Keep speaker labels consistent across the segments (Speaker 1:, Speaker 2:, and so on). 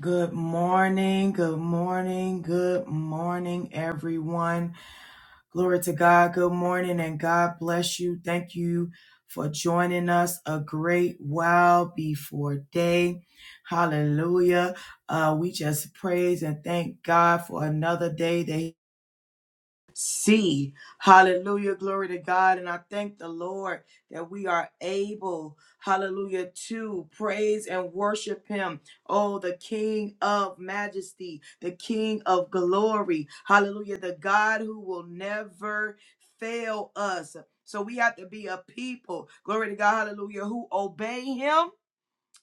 Speaker 1: Good morning, good morning, good morning, everyone. Glory to God. Good morning, and God bless you. Thank you for joining us a great while before day. Hallelujah. Uh, we just praise and thank God for another day that see. Hallelujah. Glory to God. And I thank the Lord that we are able, hallelujah, to praise and worship Him. Oh, the King of majesty, the King of glory. Hallelujah. The God who will never fail us. So we have to be a people, glory to God, hallelujah, who obey Him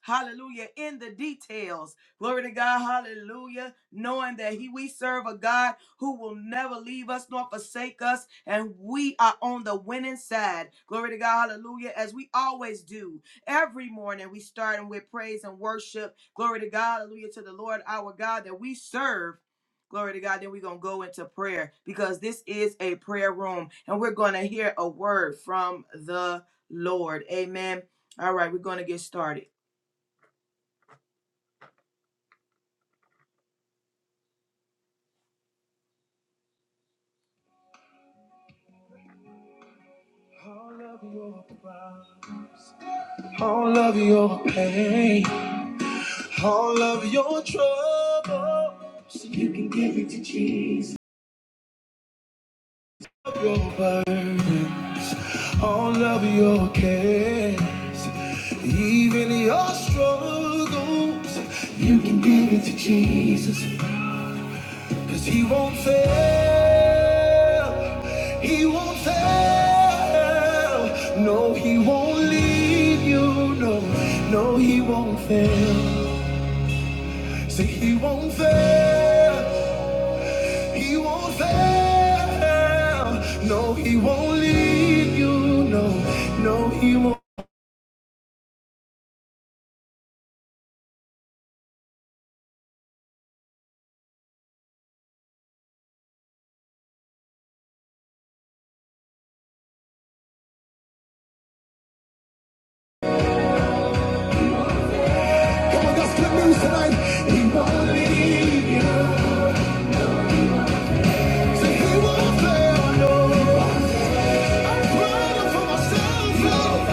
Speaker 1: Hallelujah. In the details. Glory to God. Hallelujah. Knowing that he, we serve a God who will never leave us nor forsake us. And we are on the winning side. Glory to God. Hallelujah. As we always do. Every morning we starting with praise and worship. Glory to God. Hallelujah to the Lord our God that we serve. Glory to God. Then we're going to go into prayer because this is a prayer room and we're going to hear a word from the Lord. Amen. All right, we're going to get started. All of your pride, all of your pain, all of your trouble, so you can give it to Jesus. All of your burdens, all of your cares, even your struggles, you can give it to Jesus. Cause he won't fail. He won't fail. No, he won't leave you. No, no, he won't fail. Say he won't fail. He won't fail. No, he won't leave you. No, no, he won't. Come on, that's good news tonight. He won't leave you. Say he won't fail. No, I'm crying for myself. no.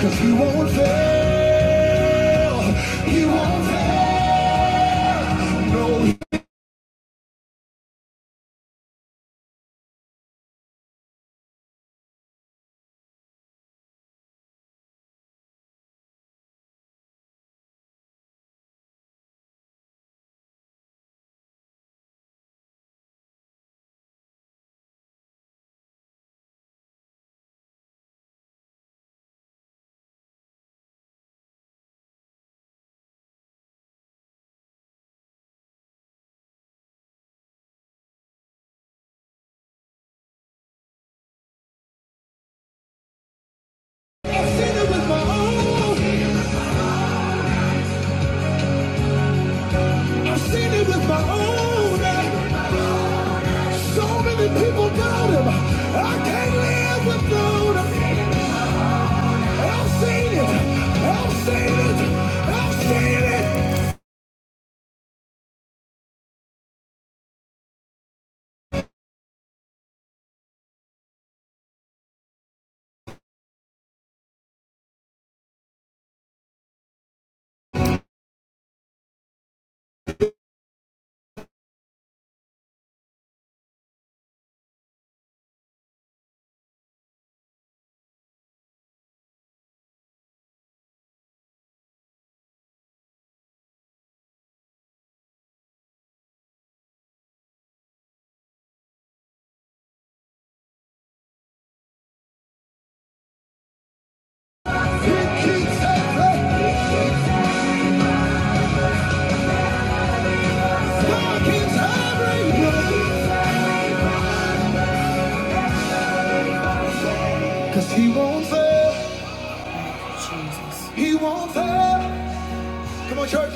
Speaker 1: Cause he won't fail, he won't fail, no I've seen it with my own. I've seen it with my own. So many people doubt him. I can't live without him. I've seen it. I've seen it. I've seen it. It keeps happening. God keeps happening. he won't fail. He won't fail. Come on, church.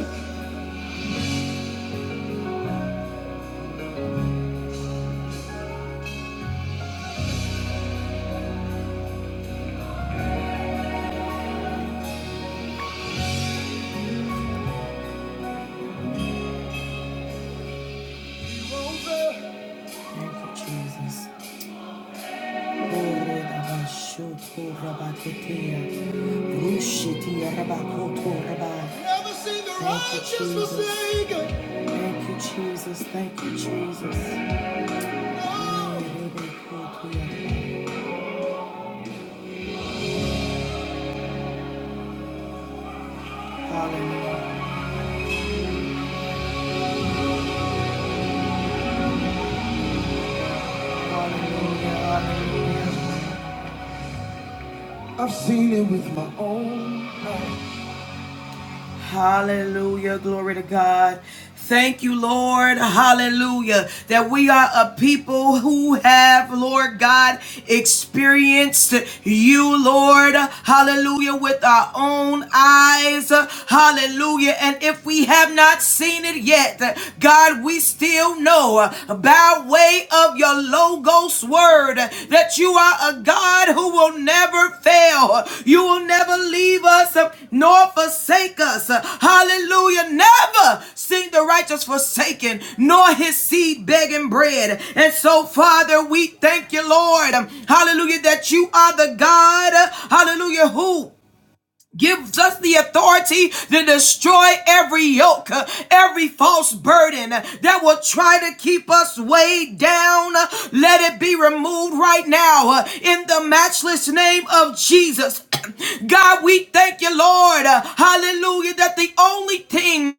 Speaker 1: He won't fail. Thank you, Jesus. Never seen the Thank you, righteous Jesus. forsaken. Thank you, Jesus. Thank you, Jesus. Hallelujah. I've seen it with my own. eyes. Hallelujah. Glory to God. Thank you, Lord. Hallelujah. That we are a people who have, Lord God, experienced you, Lord. Hallelujah. With our own eyes. Hallelujah. And if we have not seen it yet, God, we still know by way way of your Logos word that you are a God who will never fail. You will never leave us uh, nor forsake us. Hallelujah. Never see the righteous forsaken nor his seed begging bread. And so, Father, we thank you, Lord. Hallelujah, that you are the God. Hallelujah, who Gives us the authority to destroy every yoke, uh, every false burden uh, that will try to keep us weighed down. Uh, Let it be removed right now uh, in the matchless name of Jesus. God, we thank you, Lord. uh, Hallelujah, that the only thing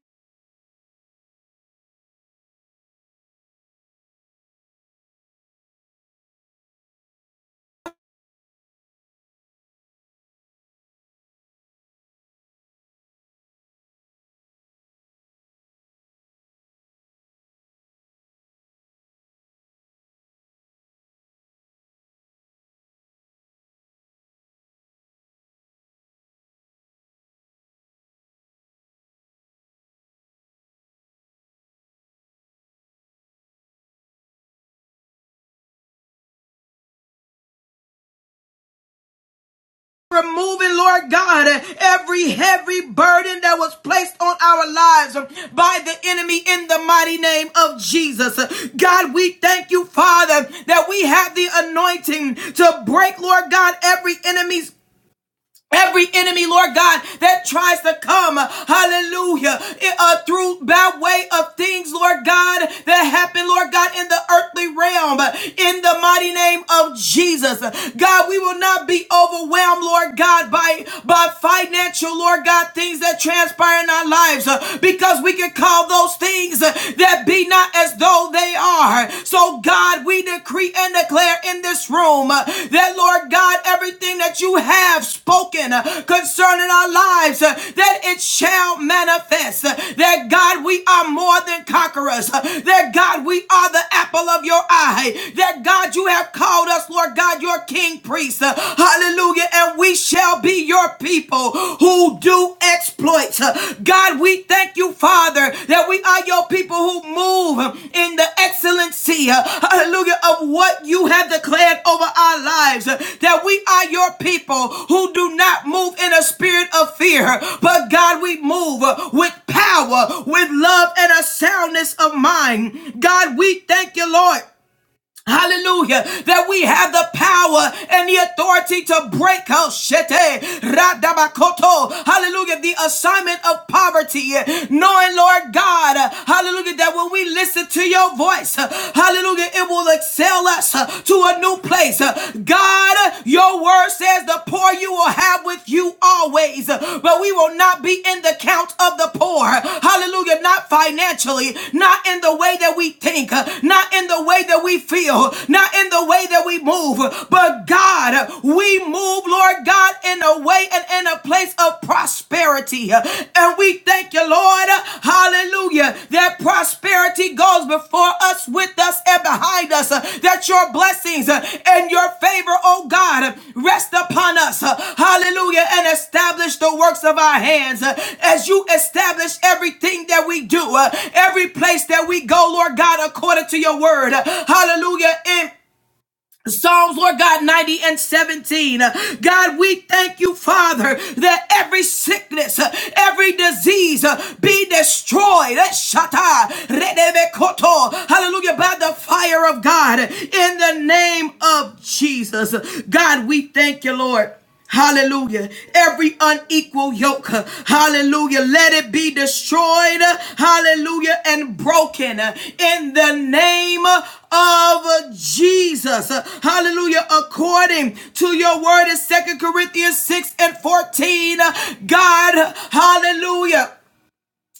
Speaker 1: Removing, Lord God, every heavy burden that was placed on our lives by the enemy in the mighty name of Jesus. God, we thank you, Father, that we have the anointing to break, Lord God, every enemy's Every enemy, Lord God, that tries to come, hallelujah, uh, through by way of things, Lord God, that happen, Lord God, in the earthly realm, in the mighty name of Jesus. God, we will not be overwhelmed, Lord God, by, by financial, Lord God, things that transpire in our lives, uh, because we can call those things uh, that be not as though they are. So, God, we decree and declare in this room uh, that, Lord God, everything that you have spoken uh, concerning our lives, uh, that it shall manifest. Uh, That, God, we are more than conquerors. Uh, That, God, we are the apple of your eye. That, God, you have called us, Lord God, your king priest. Uh, Hallelujah. And we shall be your people people who do exploits. God, we thank you, Father, that we are your people who move in the excellency, hallelujah, of what you have declared over our lives. That we are your people who do not move in a spirit of fear, but God, we move with power, with love, and a soundness of mind. God, we thank you, Lord Hallelujah. That we have the power and the authority to break out Hallelujah. The assignment of poverty. eh? Knowing, Lord God, hallelujah, that when we listen to your voice, hallelujah, it will excel us to a new place. God, your word says the poor you will have have with you always, but we will not be in the count of the poor. Hallelujah. Not financially, not in the way that we think, not in the way that we feel, not in the way that we move, but God, we move, Lord God, in a way and in a place of prosperity. And we thank you, Lord. Hallelujah Hallelujah. That prosperity goes before us, with us, and behind us. Uh, That your blessings uh, and your favor, oh God, uh, rest upon us. Uh, Hallelujah. And establish the works of our hands Uh, as you establish everything that we do, uh, every place that we go, Lord God, according to your word. Uh, Hallelujah. In Psalms, Lord God, 90 and 17. Uh, God, we thank you, Father, that every sickness, uh, every disease uh, be destroyed. Eh, shata, redebekoto. Hallelujah. By the fire of God in the name of Jesus. God, we thank you, Lord. Hallelujah. Every unequal yoke, hallelujah, let it be destroyed, hallelujah, and broken in the name of Jesus. Hallelujah. According to your word in Second Corinthians 6 and 14, God, hallelujah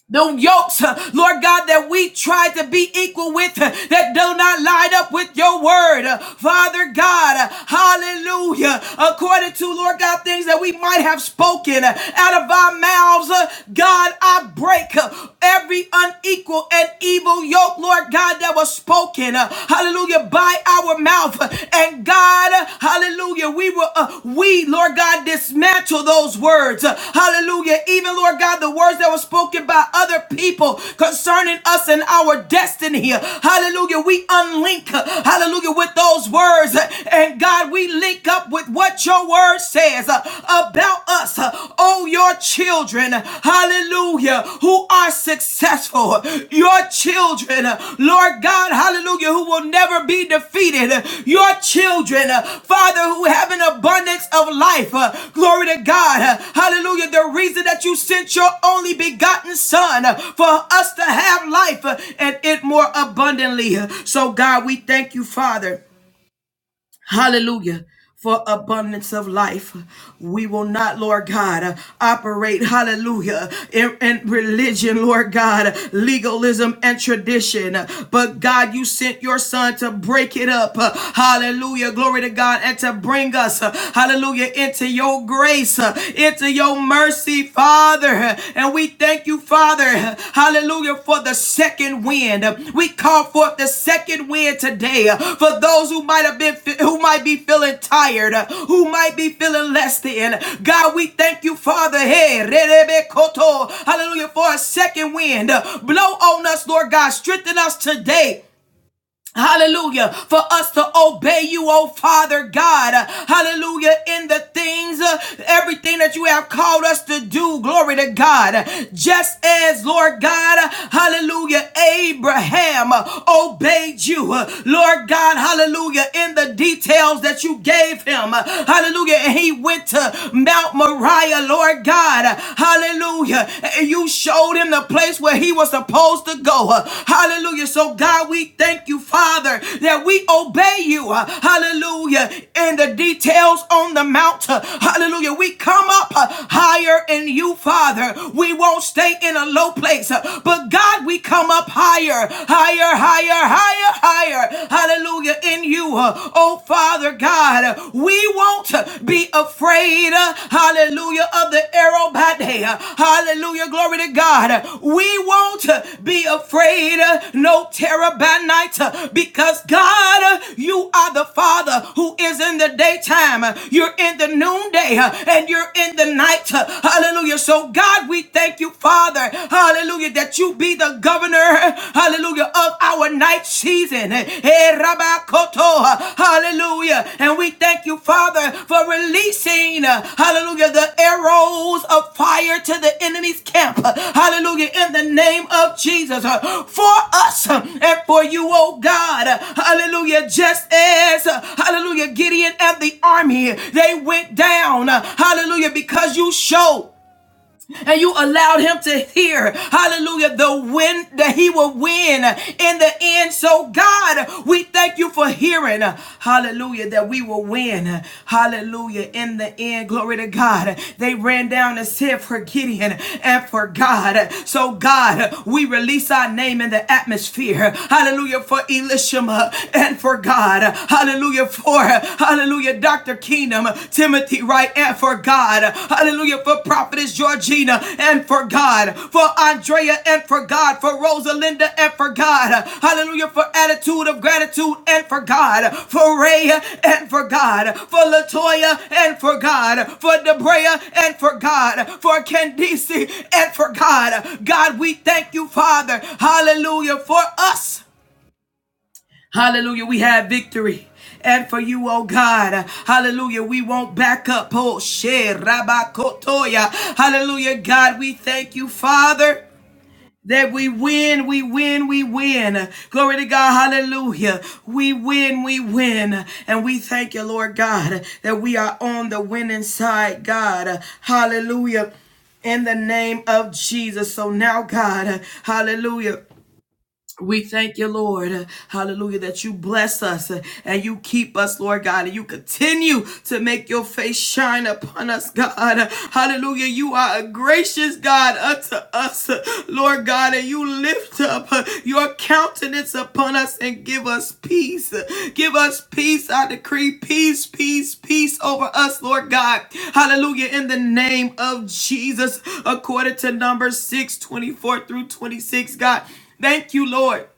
Speaker 1: the yokes, uh, Lord God, that we try to be equal with, uh, that do not line up with your word. Uh, Father God, uh, hallelujah. According to, Lord God, things that we might have spoken uh, out of our mouths, uh, God, I break uh, every unequal and evil yoke, Lord God, that was spoken, uh, hallelujah, by our mouth. Uh, And that God, hallelujah, we will, uh, we, Lord God, dismantle those words. Uh, hallelujah. Even, Lord God, the words that were spoken by other people concerning us and our destiny. Uh, Hallelujah. We unlink, uh, hallelujah, with those words. Uh, And God, we link up with what your word says uh, about us. Uh, Oh, your children. Uh, Hallelujah hallelujah, who are successful, your children, Lord God, hallelujah, who will never be defeated, your children, Father, who have an abundance of life, glory to God, hallelujah, the reason that you sent your only begotten Son for us to have life and it more abundantly. So, God, we thank you, Father. Hallelujah. For abundance of life, we will not, Lord God, uh, operate, hallelujah, in, in religion, Lord God, legalism and tradition. But God, you sent your son to break it up, uh, hallelujah, glory to God, and to bring us, uh, hallelujah, into your grace, uh, into your mercy, Father. Father. And we thank you, Father, hallelujah, for the second wind. We call forth the second wind today for those who might have been, who might be feeling tired, who might be feeling less than. God, we thank you, Father, hey, hallelujah, for a second wind. Blow on us, Lord God. Strengthen us today. Hallelujah. For us to obey you, oh Father God. Hallelujah. In the things, uh, everything that you have called us to do. Glory to God. Just as, Lord God, hallelujah, Abraham uh, obeyed you. Uh, Lord God, hallelujah, in the details that you gave him. Uh, Hallelujah. And he went to Mount Moriah, Lord God. Hallelujah and you showed him the place where he was supposed to go. Uh, Hallelujah. So, God, we thank you, Father, that we obey you. Uh, Hallelujah. In the details on the mount. Uh, Hallelujah. We come up uh, higher in you, Father. We won't stay in a low place, Uh, but God, we come up higher, higher, higher, higher, higher. Hallelujah. In you. Uh, Oh, Father God, we we won't be afraid, uh, hallelujah, of the arrow by day. uh, Hallelujah, glory to God. We won't uh, be afraid, uh, no terror by night, uh, because God, uh, you are the Father who is in the daytime. uh, You're in the noonday, uh, and you're in the night. uh, Hallelujah. So, God, we thank you, Father. Hallelujah, that you be the governor, hallelujah, of our night season. Eh, Hallelujah. And we thank you, Father, for releasing, uh, hallelujah, the arrows of fire to the enemy's camp. Hallelujah. In the name of Jesus. Uh, For us uh, and for you, oh God. Hallelujah. Just as, uh, hallelujah, Gideon and the army, they went down. uh, Hallelujah. Because you showed and you allowed him to hear, hallelujah, the win that he will win in the end. So, God, we thank you for hearing, hallelujah, that we will win, hallelujah, in the end. Glory to God. They ran down and said for Gideon and for God. So, God, we release our name in the atmosphere, hallelujah, for Elishama and for God, hallelujah, for, hallelujah, Dr. Kingdom, Timothy Wright, and for God. Hallelujah. For Prophetess Georgina and for God. For Andrea and for God. For Rosalinda and for God. Hallelujah. For attitude of gratitude and for God. For Ray and for God. For Latoya and for God. For Debrea and for God. For Candice and for God. God, we thank you, Father. Hallelujah. For us. Hallelujah. We have victory. And for you, oh God, hallelujah, we won't back up. Oh, share. rabakotoya. Hallelujah, God, we thank you, Father. That we win, we win, we win. Glory to God, hallelujah. We win, we win. And we thank you, Lord God, that we are on the winning side, God. Hallelujah. In the name of Jesus. So now, God, hallelujah. We thank you, Lord, uh, hallelujah, that you bless us uh, and you keep us, Lord God, and you continue to make your face shine upon us, God. Uh, Hallelujah, you are a gracious God unto us, uh, Lord God, and you lift up uh, your countenance upon us and give us peace. Uh, Give us peace, I decree, peace, peace, peace over us, Lord God. Hallelujah, in the name of Jesus, according to Numbers 6 24 through 26, God. Thank you, Lord.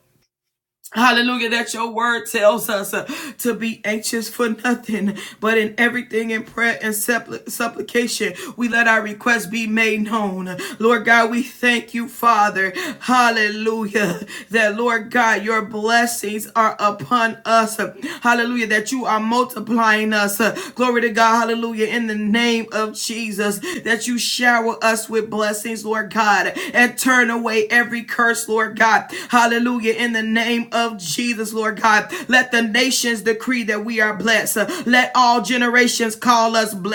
Speaker 1: Hallelujah, that your word tells us uh, to be anxious for nothing, but in everything in prayer and suppli- supplication, we let our requests be made known. Lord God, we thank you, Father. Hallelujah, that Lord God, your blessings are upon us. Hallelujah, that you that you are multiplying us. Uh, Glory to God. Hallelujah. In the name of Jesus, that you shower us with blessings, Lord God, and turn away every curse, Lord God. Hallelujah. In the name of Jesus, Lord God, let the nations decree that we are blessed. Uh, Let all generations call us blessed.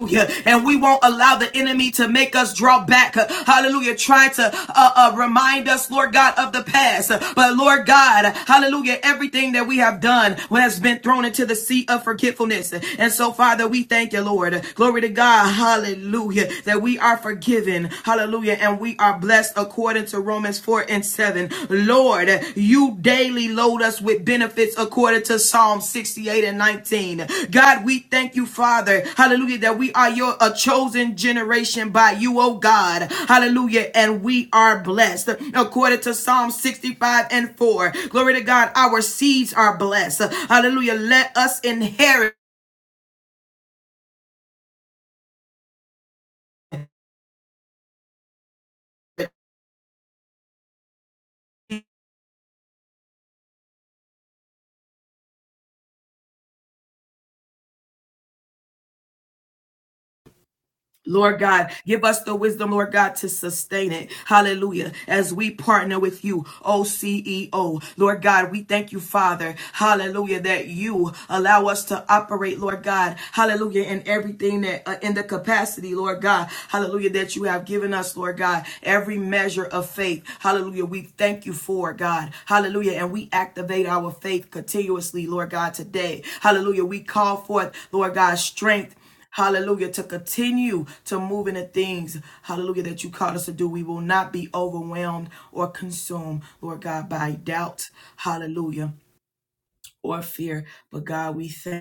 Speaker 1: Hallelujah. And we won't allow the enemy to make us draw back. Hallelujah. Trying to uh, uh, remind us, Lord God, of the past. But Lord God, hallelujah, everything that we have done has been thrown into the sea of forgetfulness. And so, Father, we thank you, Lord. Glory to God. Hallelujah. That we are forgiven. Hallelujah. And we are blessed according to Romans 4 and 6. 7. Lord, you daily load us with benefits according to Psalm 68 and 19. God, we thank you, Father. Hallelujah, that we are your a chosen generation by you, oh God. Hallelujah, and we are blessed according to Psalm 65 and 4. Glory to God, our seeds are blessed. Hallelujah, let us inherit Lord God, give us the wisdom, Lord God, to sustain it. Hallelujah. As we partner with you, OCEO. Lord God, we thank you, Father. Hallelujah. That you allow us to operate, Lord God. Hallelujah. In everything that, uh, in the capacity, Lord God. Hallelujah. That you have given us, Lord God. Every measure of faith. Hallelujah. We thank you for it, God. Hallelujah. And we activate our faith continuously, Lord God, today. Hallelujah. We call forth, Lord God, strength. Hallelujah. To continue to move in the things, hallelujah, that you called us to do. We will not be overwhelmed or consumed, Lord God, by doubt. Hallelujah. Or fear. But God, we thank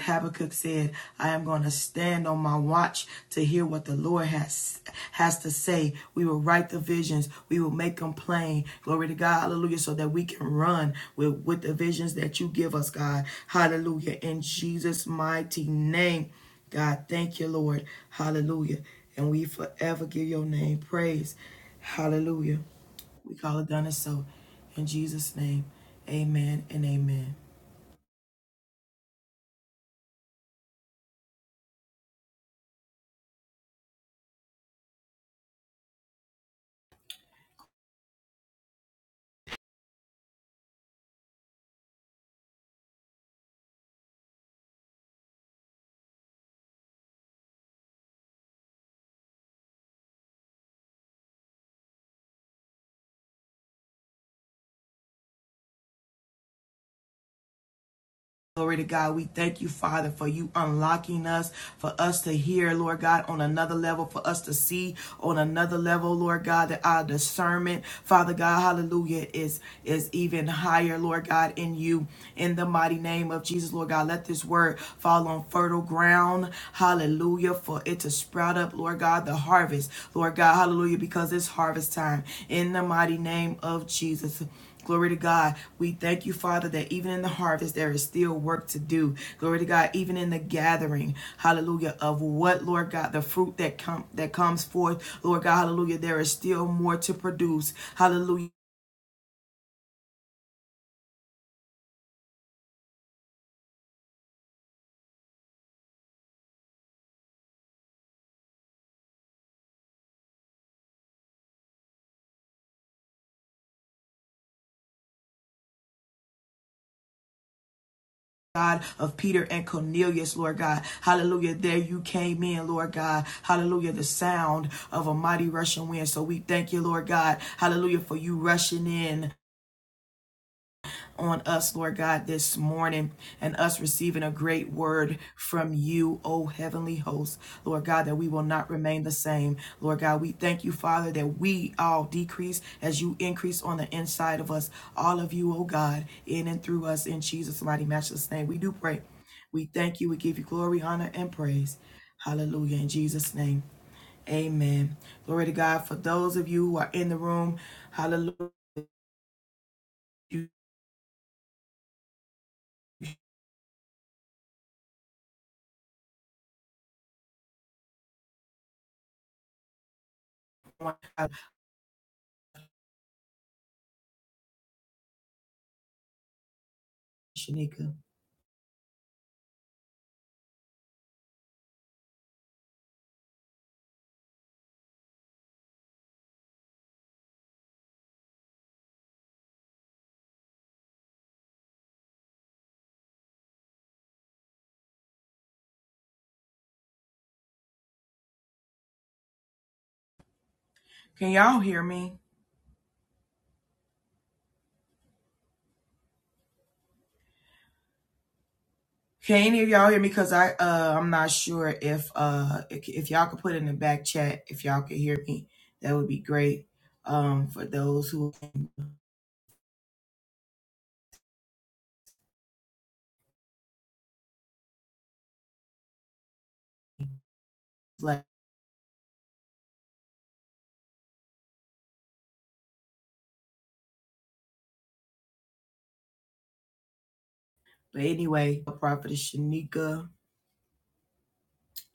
Speaker 1: Habakkuk said, I am going to stand on my watch to hear what the Lord has has to say. We will write the visions. We will make them plain. Glory to God. Hallelujah. So that we can run with, with the visions that you give us, God. Hallelujah. In Jesus' mighty name. God, thank you, Lord. Hallelujah. And we forever give your name praise. Hallelujah. We call it done and so. In Jesus' name. Amen and amen. Glory to God. We thank you, Father, for you unlocking us, for us to hear, Lord God, on another level, for us to see on another level, Lord God, that our discernment, Father God, hallelujah, is, is even higher, Lord God, in you. In the mighty name of Jesus, Lord God, let this word fall on fertile ground, hallelujah, for it to sprout up, Lord God, the harvest, Lord God, hallelujah, because it's harvest time. In the mighty name of Jesus. Glory to God. We thank you, Father, that even in the harvest, there is still work to do. Glory to God, even in the gathering, hallelujah, of what, Lord God, the fruit that come that comes forth, Lord God, hallelujah, there is still more to produce. Hallelujah. God of Peter and Cornelius, Lord God. Hallelujah. There you came in, Lord God. Hallelujah. The sound of a mighty rushing wind. So we thank you, Lord God. Hallelujah. For you rushing in. on us, Lord God, this morning and us receiving a great word from you, O heavenly host. Lord God, that we will not remain the same. Lord God, we thank you, Father, that we all decrease as you increase on the inside of us, all of you, O God, in and through us in Jesus' mighty matchless name. We do pray. We thank you. We give you glory, honor, and praise. Hallelujah. In Jesus' name. Amen. Glory to God. For those of you who are in the room, hallelujah, Shanika. Can y'all hear me? Can any of y'all hear me? Cause I uh I'm not sure if uh if, if y'all could put in the back chat if y'all could hear me, that would be great. Um for those who like but anyway, a prophet is Shanika.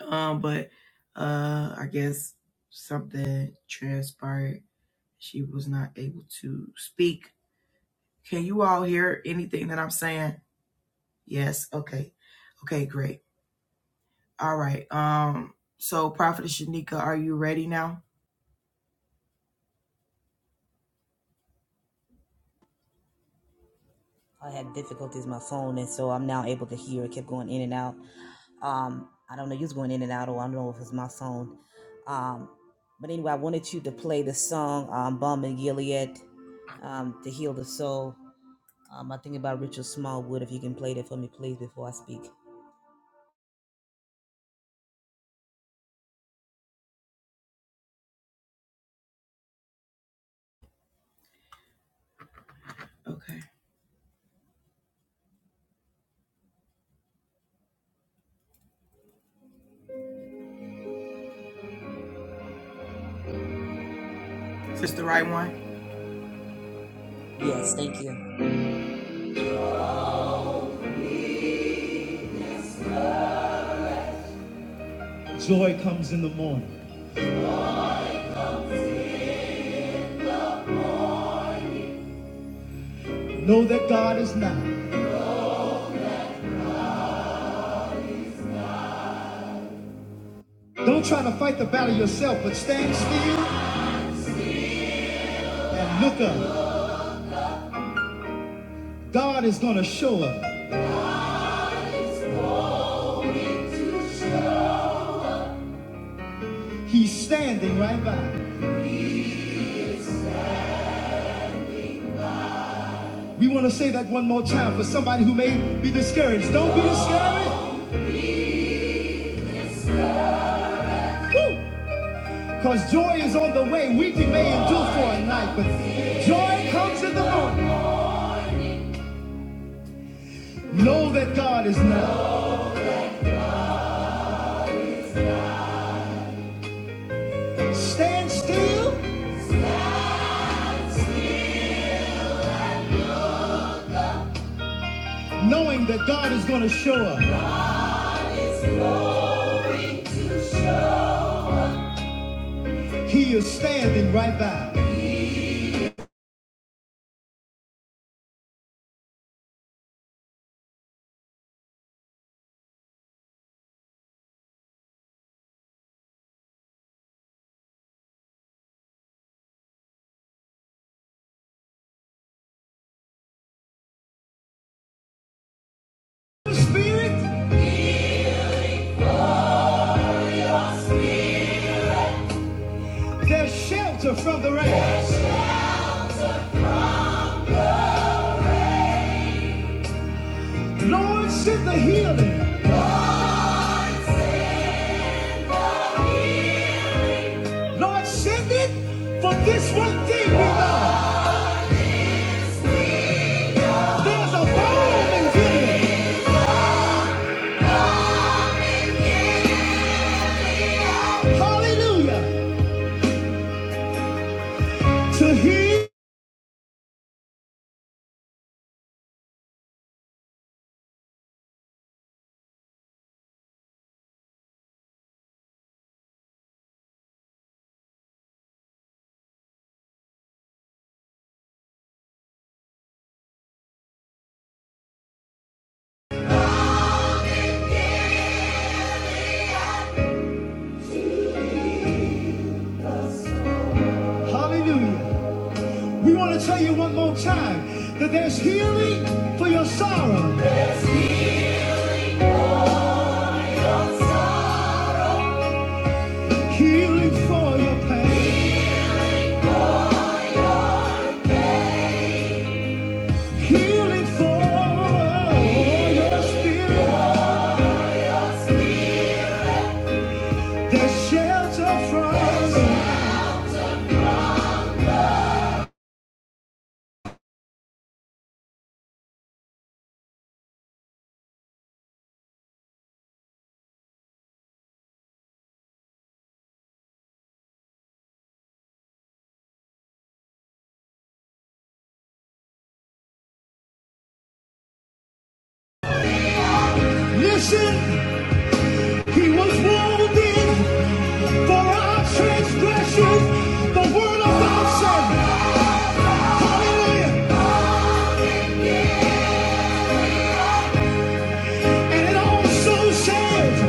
Speaker 1: Um but uh I guess something transpired. She was not able to speak. Can you all hear anything that I'm saying? Yes, okay. Okay, great. All right. Um so Prophet Shanika, are you ready now?
Speaker 2: I had difficulties with my phone, and so I'm now able to hear. It kept going in and out. Um, I don't know, you was going in and out, or I don't know if it's my phone. Um, but anyway, I wanted you to play the song um, "Bomb and Gilead" um, to heal the soul. Um, I think about Richard Smallwood. If you can play that for me, please, before I speak.
Speaker 1: Okay. Is this the right one?
Speaker 2: Yes, thank you.
Speaker 1: Joy comes in the morning. Know that God is nigh. Don't try to fight the battle yourself, but stand still and look up. God is going to show up. He's standing right by. We want to say that one more time for somebody who may be discouraged. Don't be discouraged. Because joy is on the way. Weeping may endure for a night, but joy comes in the morning. Know that God is nigh. Stand still, knowing that God is going to show up. He is standing right by. Spirit. their shelter from the rain. Lord, send the healing. Lord, send it for this one thing we know. There's a bomb in Gilead. Hallelujah. To heal. Hallelujah. We want to tell you one more time that there's healing for your sorrow, healing for your pain. Healing for your spirit, the shelter from. us. Listen, he was wounded for our transgressions. The word of God said, Hallelujah. And it also says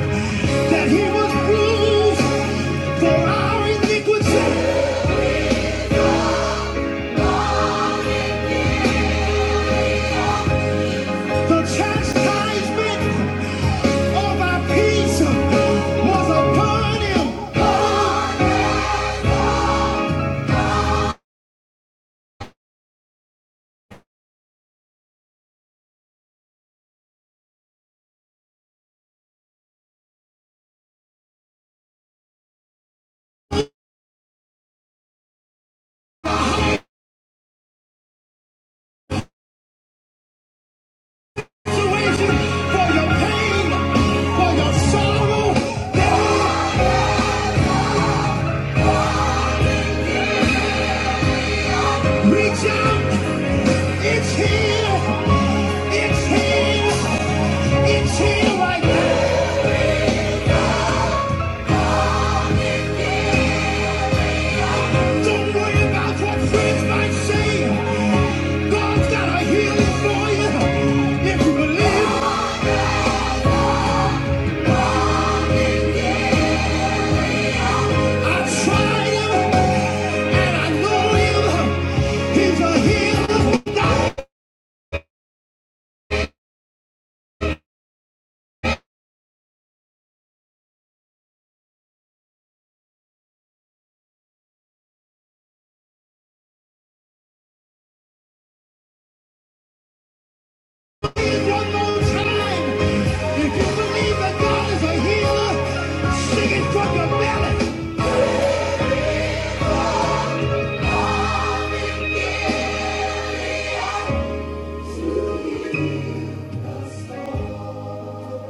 Speaker 1: that he was bruised for our iniquity. The chastisement of our peace was upon him. for your pain, for your sorrow. Reach out, it's here, it's here, it's here right Don't worry about what friends might say. God's got a healing for you. If you believe, I tried him, and I know him. He's a healer. Now here's one more time. If you believe that God is a healer, sing it from your belly.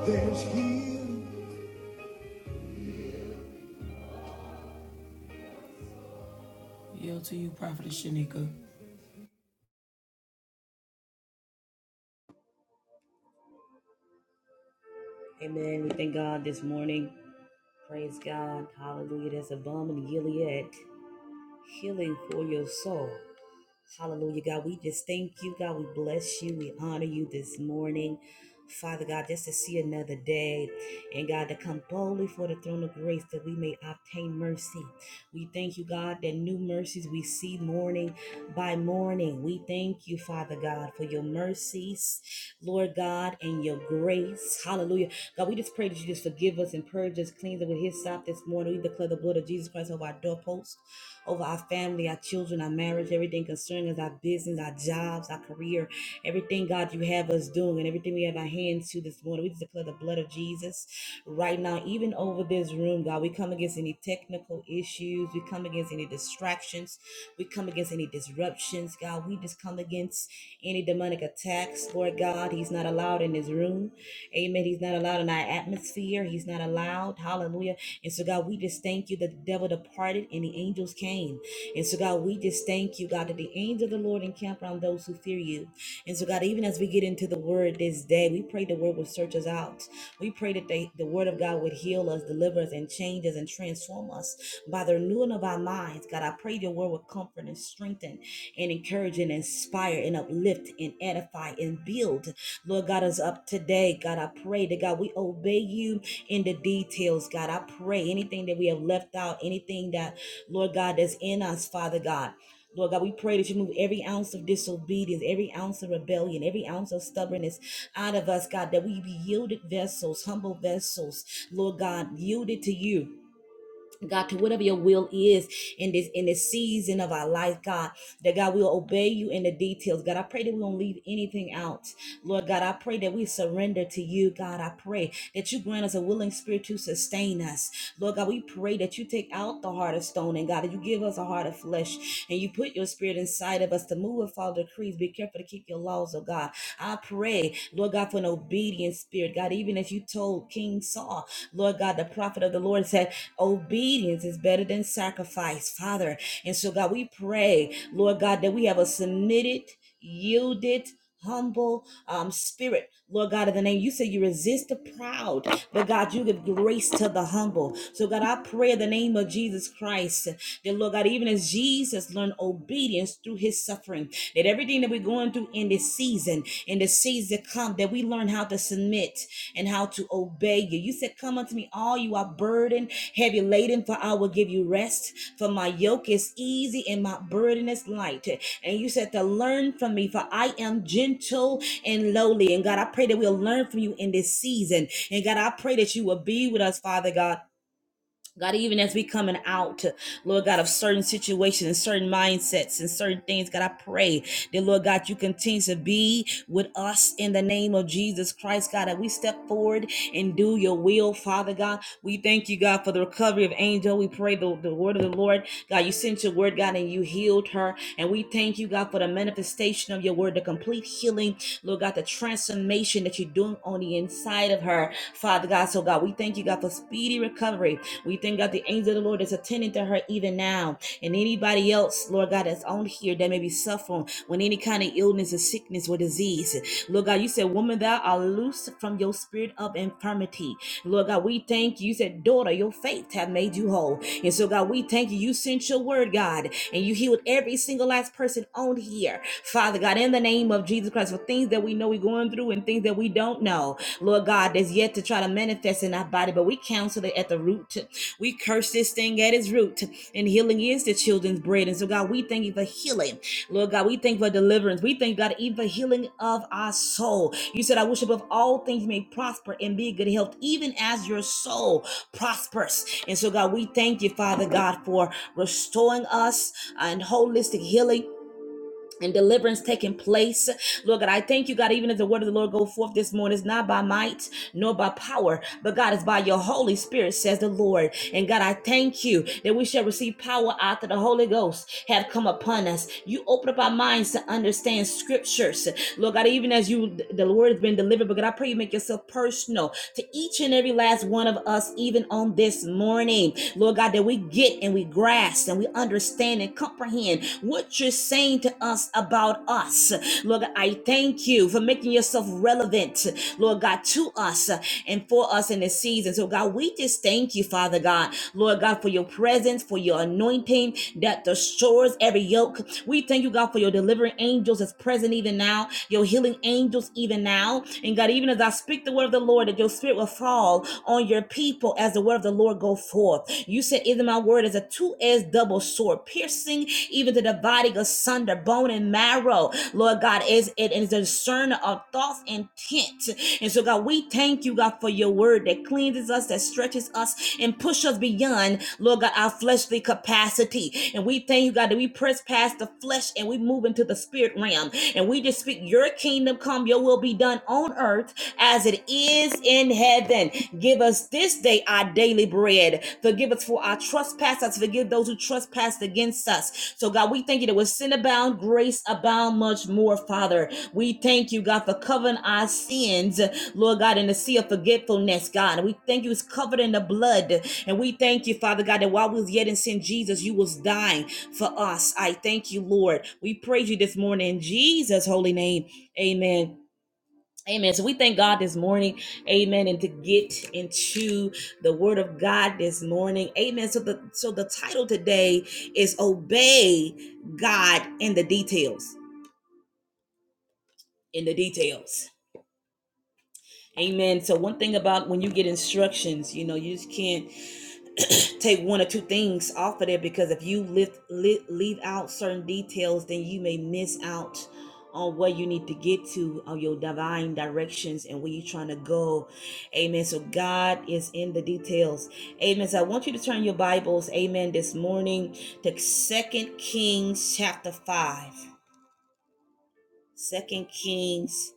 Speaker 1: There's healing. Yield to you, Prophetess Shanika.
Speaker 2: Amen. We thank God this morning. Praise God. Hallelujah. That's a bomb in Gilead. healing for your soul. Hallelujah, God. We just thank you, God. We bless you. We honor you this morning. Father God, just to see another day and God to come boldly for the throne of grace that we may obtain mercy. We thank you, God, that new mercies we see morning by morning. We thank you, Father God, for your mercies, Lord God, and your grace. Hallelujah. God, we just pray that you just forgive us and purge us, cleanse us with his sop this morning. We declare the blood of Jesus Christ over our doorposts over our family, our children, our marriage, everything concerning us, our business, our jobs, our career, everything, God, you have us doing, and everything we have our hands to this morning. We just declare the blood of Jesus right now, even over this room, God. We come against any technical issues, we come against any distractions, we come against any disruptions, God. We just come against any demonic attacks, Lord God. He's not allowed in this room. Amen. He's not allowed in our atmosphere. He's not allowed. Hallelujah and so, God, we just thank you that the devil departed and the angels came. And so, God, we just thank you, God, that the angel of the Lord encamp around those who fear you. And so, God, even as we get into the word this day, we pray the word will search us out. We pray that they, the word of God would heal us, deliver us, and change us and transform us by the renewing of our minds. God, I pray your word will comfort and strengthen and encourage and inspire and uplift and edify and build. Lord God, us up today. God, I pray that God, we obey you in the details, God. I pray anything that we have left out, anything that, Lord God, that's in us, Father God. Lord God, we pray that you move every ounce of disobedience, every ounce of rebellion, every ounce of stubbornness out of us, God, that we be yielded vessels, humble vessels, Lord God, yielded to you. God, to whatever your will is in this in this season of our life, God, that God will obey you in the details. God, I pray that we don't leave anything out. Lord God, I pray that we surrender to you. God, I pray that you grant us a willing spirit to sustain us. Lord God, we pray that you take out the heart of stone and God, that you give us a heart of flesh and you put your spirit inside of us to move and follow the decrees. Be careful to keep your laws, oh God. I pray, Lord God, for an obedient spirit. God, even as you told King Saul, Lord God, the prophet of the Lord said, Obedience is better than sacrifice, Father. And so, God, we pray, Lord God, that we have a submitted, yielded, humble um, spirit, Lord God, in the name. You say you resist the proud, but God, you give grace to the humble. So, God, I pray in the name of Jesus Christ that, Lord God, even as Jesus learned obedience through his suffering, that everything that we're going through in this season, in the season to come, that we learn how to submit and how to obey you. You said, Come unto me, all you are burdened Heavy laden, for I will give you rest. For my yoke is easy and my burden is light. And you said to learn from me, for I am gentle and lowly. And God, I pray that we'll learn from you in this season. And God, I pray that you will be with us, Father God. God, even as we coming out, Lord God, of certain situations and certain mindsets and certain things, God, I pray that, Lord God, you continue to be with us in the name of Jesus Christ, God, that we step forward and do your will, Father God. We thank you, God, for the recovery of Angel. We pray the, the word of the Lord. God, you sent your word, God, and you healed her. And we thank you, God, for the manifestation of your word, the complete healing, Lord God, the transformation that you're doing on the inside of her, Father God. So, God, we thank you, God, for speedy recovery we thank God the angel of the Lord is attending to her even now. And anybody else, Lord God, that's on here that may be suffering with any kind of illness or sickness or disease. Lord God, you said, Woman, thou art loose from your spirit of infirmity. Lord God, we thank you. You said, Daughter, your faith have made you whole. And so, God, we thank you. You sent your word, God, and you healed every single last person on here. Father God, in the name of Jesus Christ, for things that we know we're going through and things that we don't know. Lord God, that's yet to try to manifest in our body, but we counsel it at the root we curse this thing at its root, and healing is the children's bread. And so, God, we thank you for healing. Lord God, we thank you for deliverance. We thank you, God even for healing of our soul. You said, I wish above all things may prosper and be in good health, even as your soul prospers. And so, God, we thank you, Father God, for restoring us and holistic healing and deliverance taking place Lord God, I thank you, God, even as the word of the Lord go forth this morning, it's not by might nor by power, but God, it's by your Holy Spirit, says the Lord. And God, I thank you that we shall receive power after the Holy Ghost have come upon us. You open up our minds to understand scriptures. Lord God, even as you the Lord has been delivered, but God, I pray you make yourself personal to each and every last one of us, even on this morning. Lord God, that we get and we grasp and we understand and comprehend what you're saying to us about about us. Lord God, I thank you for making yourself relevant, Lord God, to us and for us in this season. So, God, we just thank you, Father God, Lord God, for your presence, for your anointing that destroys every yoke. We thank you, God, for your delivering angels that's present even now, your healing angels even now. And God, even as I speak the word of the Lord, that your spirit will fall on your people as the word of the Lord go forth. You said, "Even my word is a two-edged double sword, piercing even to the dividing of asunder bone and marrow. Lord God, is it is a discerner of thoughts and intent. And so, God, we thank you, God, for your word that cleanses us, that stretches us, and pushes us beyond, Lord God, our fleshly capacity. And we thank you, God, that we press past the flesh and we move into the spirit realm. And we just speak your kingdom come, your will be done on earth as it is in heaven. Give us this day our daily bread. Forgive us for our trespasses. Forgive those who trespass against us so, God, we thank you that with sin abound, grace abound much more, Father. We thank you, God, for covering our sins, Lord God, in the sea of forgetfulness, God. And we thank you it's covered in the blood. And we thank you, Father God, that while we was yet in sin, Jesus, you was dying for us. I thank you, Lord. We praise you this morning in Jesus' holy name. Amen. Amen. So we thank God this morning. Amen. And to get into the word of God this morning. Amen. So the so the title today is obey God in the details. In the details. Amen. So one thing about when you get instructions, you know, you just can't take one or two things off of there because if you lift, li- leave out certain details, then you may miss out on where you need to get to on your divine directions and where you're trying to go. Amen. So God is in the details. Amen. So I want you to turn your Bibles, amen, this morning to Second Kings chapter 5. Second Kings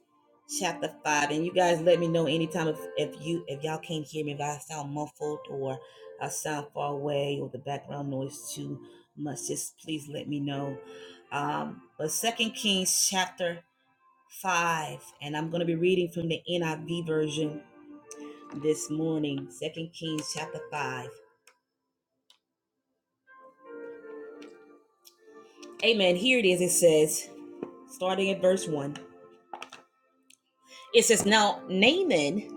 Speaker 2: chapter five. And you guys let me know anytime if, if you if y'all can't hear me, if I sound muffled or I sound far away or the background noise too much, just please let me know. Um, but Second Kings chapter five, and I'm gonna be reading from the NIV version this morning. Second Kings chapter five. Amen. Here it is. It says, starting at verse one. It says, Now Naaman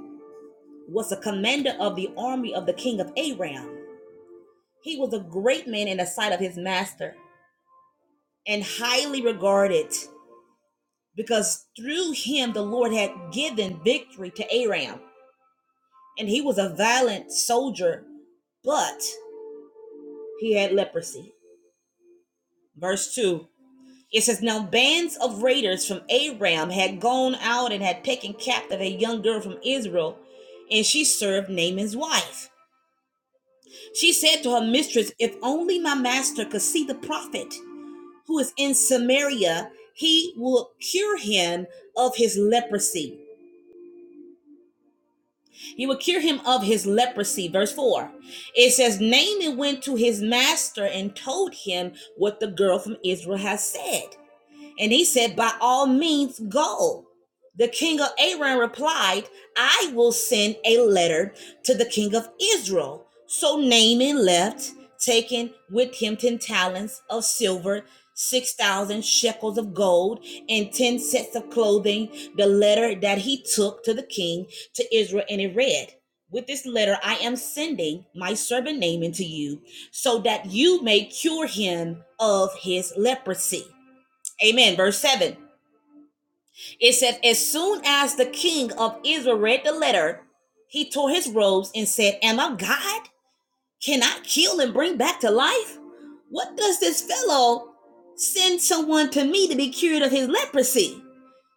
Speaker 2: was a commander of the army of the king of Aram. He was a great man in the sight of his master and highly regarded because through him the Lord had given victory to Aram. And he was a valiant soldier, but he had leprosy. Verse 2 it says, Now bands of raiders from Aram had gone out and had taken captive a young girl from Israel, and she served Naaman's wife. She said to her mistress, If only my master could see the prophet. who is in Samaria, he will cure him of his leprosy. He will cure him of his leprosy. Verse 4. It says, Naaman went to his master and told him what the girl from Israel has said. And he said, By all means, go. The king of Aram replied, I will send a letter to the king of Israel. So Naaman left, taking with him 10 talents of silver, 6,000 shekels of gold, and 10 sets of clothing. The letter that he took to the king to Israel, and it read, with this letter, I am sending my servant Naaman to you so that you may cure him of his leprosy. Amen. Verse 7. It says, As soon as the king of Israel read the letter, he tore his robes and said, Am I God? Can I kill and bring back to life? What does this fellow send someone to me to be cured of his leprosy?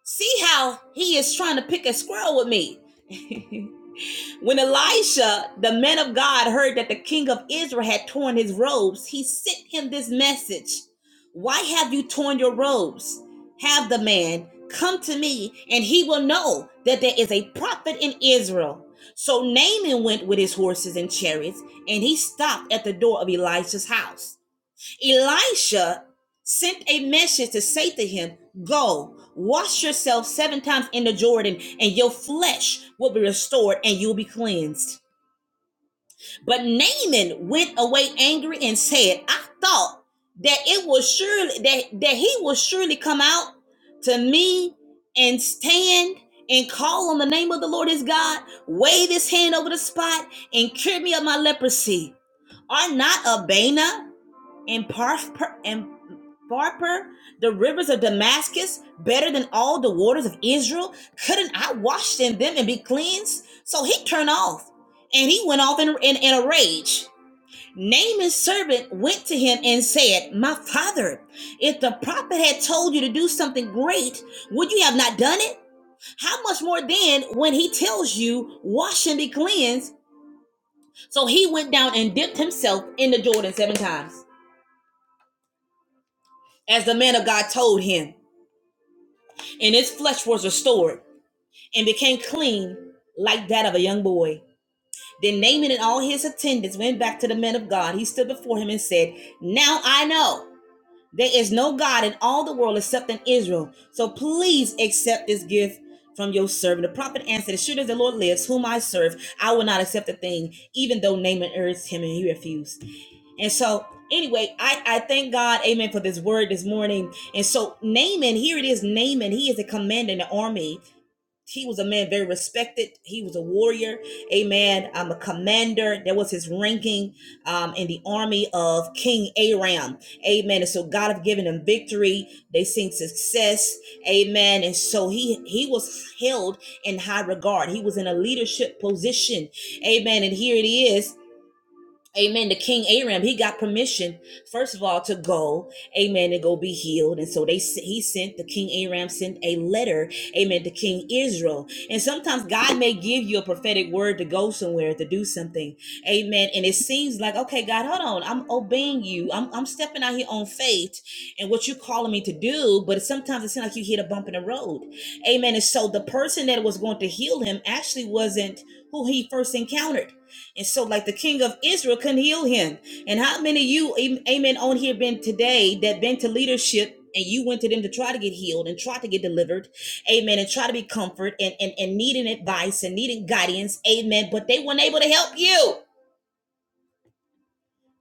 Speaker 2: See how he is trying to pick a squirrel with me. When Elisha, the man of God, heard that the king of Israel had torn his robes, he sent him this message Why have you torn your robes? Have the man come to me, and he will know that there is a prophet in Israel. So Naaman went with his horses and chariots, and he stopped at the door of Elisha's house. Elisha sent a message to say to him, Go, wash yourself seven times in the Jordan, and your flesh will be restored and you'll be cleansed. But Naaman went away angry and said, I thought that it was surely that, that he will surely come out to me and stand and call on the name of the Lord his God, wave his hand over the spot, and cure me of my leprosy. Are not Abana and Parth and Barper, the rivers of Damascus, better than all the waters of Israel? Couldn't I wash in them and be cleansed? So he turned off and he went off in, in, in a rage. Naaman's servant went to him and said, My father, if the prophet had told you to do something great, would you have not done it? How much more then when he tells you, Wash and be cleansed? So he went down and dipped himself in the Jordan seven times, as the man of God told him, and his flesh was restored. and became clean like that of a young boy. Then Naaman and all his attendants went back to the men of God. He stood before him and said, Now I know there is no God in all the world except in Israel. So please accept this gift from your servant. The prophet answered, As sure as the Lord lives, whom I serve, I will not accept a thing, even though Naaman urged him and he refused. And so Anyway, I, I thank God, amen, for this word this morning. And so, Naaman, here it is Naaman, he is a commander in the army he was a man very respected. He was a warrior, amen. Um, a commander. That was his ranking um, in the army of King Aram, amen. And so God have given him victory. They seen success, amen. And so he he was held in high regard. He was in a leadership position, amen. And here it is. Amen. The King Aram, he got permission, first of all, to go, amen, and go be healed. And so they he sent the King Aram sent a letter, amen, to King Israel. And sometimes God may give you a prophetic word to go somewhere to do something. Amen. And it seems like, okay, God, hold on. I'm obeying you. I'm I'm stepping out here on faith and what you're calling me to do, but sometimes it seems like you hit a bump in the road. Amen. And so the person that was going to heal him actually wasn't who he first encountered. And so, like the king of Israel couldn't heal him. And how many of you, amen, on here been today that been to leadership and you went to them to try to get healed and try to get delivered, amen, and try to be comfort and, and, and needing advice and needing guidance, amen, but they weren't able to help you.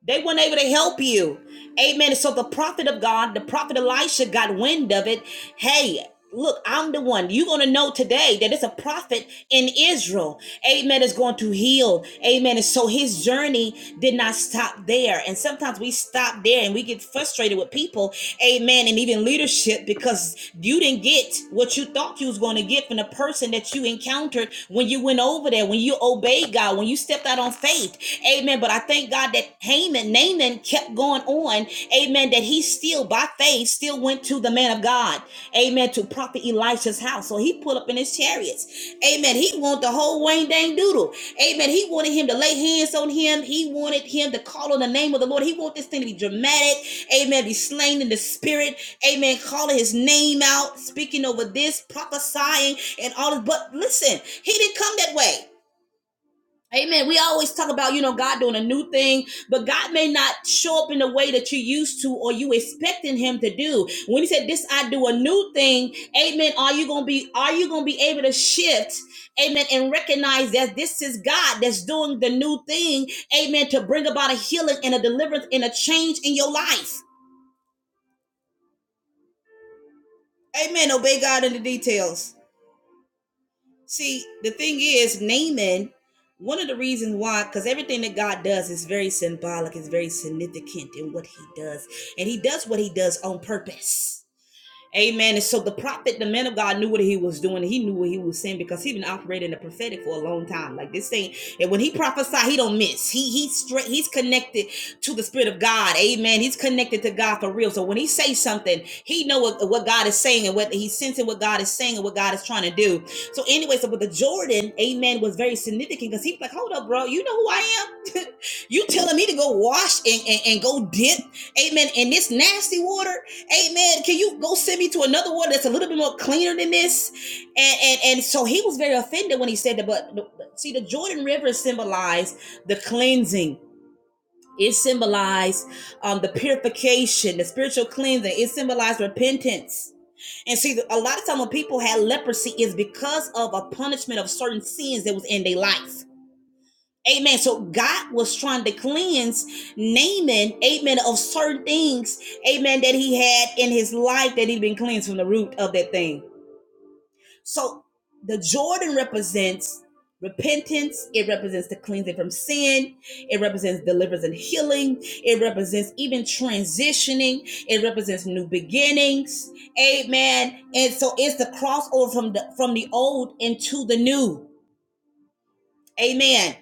Speaker 2: They weren't able to help you. Amen. So the prophet of God, the prophet Elisha got wind of it. Hey, look, I'm the one. You're going to know today that it's a prophet in Israel. Amen. Is going to heal. Amen. And so his journey did not stop there. And sometimes we stop there and we get frustrated with people amen, and even leadership because you didn't get what you thought you was going to get from the person that you encountered when you went over there, when you obeyed God, when you stepped out on faith, amen. But I thank God that Haman, Naaman kept going on, amen, that he still by faith still went to the man of God, amen, to prophet Elisha's house. So he pulled up in his chariots, amen. He wanted the whole Wayne Dang Doodle, amen. He wanted him to lay hands on him, he wanted him to call on the name of the Lord, he wanted this thing to be dramatic. Amen. Be slain in the spirit. Amen. Calling his name out, speaking over this, prophesying, and all of but listen, he didn't come that way. Amen. We always talk about, you know, God doing a new thing, but God may not show up in the way that you used to or you expecting him to do. When he said this, I do a new thing, amen. Are you gonna be are you gonna be able to shift? Amen. And recognize that this is God that's doing the new thing, amen, to bring about a healing and a deliverance and a change in your life. Amen. Obey God in the details. See, the thing is, Naaman, one of the reasons why, because everything that God does is very symbolic, is very significant in what he does. And he does what he does on purpose. Amen. And so the prophet, the man of God, knew what he was doing. He knew what he was saying because he been operating in the prophetic for a long time. Like this thing, and when he prophesied, he don't miss. He he's straight. He's connected to the spirit of God. Amen. He's connected to God for real. So when he says something, he know what, what God is saying and what he's sensing what God is saying and what God is trying to do. So anyway, so but the Jordan, amen, was very significant because he's like, hold up, bro, you know who I am. you telling me to go wash and, and, and go dip, amen, in this nasty water? Amen. Can you go send me to another one that's a little bit more cleaner than this? And and and so he was very offended when he said that. But but see, the Jordan River symbolized the cleansing. It symbolized um, the purification, the spiritual cleansing. It symbolized repentance. And see, a lot of time when people had leprosy is because of a punishment of certain sins that was in their life. Amen. So God was trying to cleanse Naaman, amen, of certain things, amen, that he had in his life that he'd been cleansed from the root of that thing. So the Jordan represents repentance, it represents the cleansing from sin, it represents deliverance and healing, it represents even transitioning, it represents new beginnings, amen. And so it's the crossover from the from the old into the new. Amen.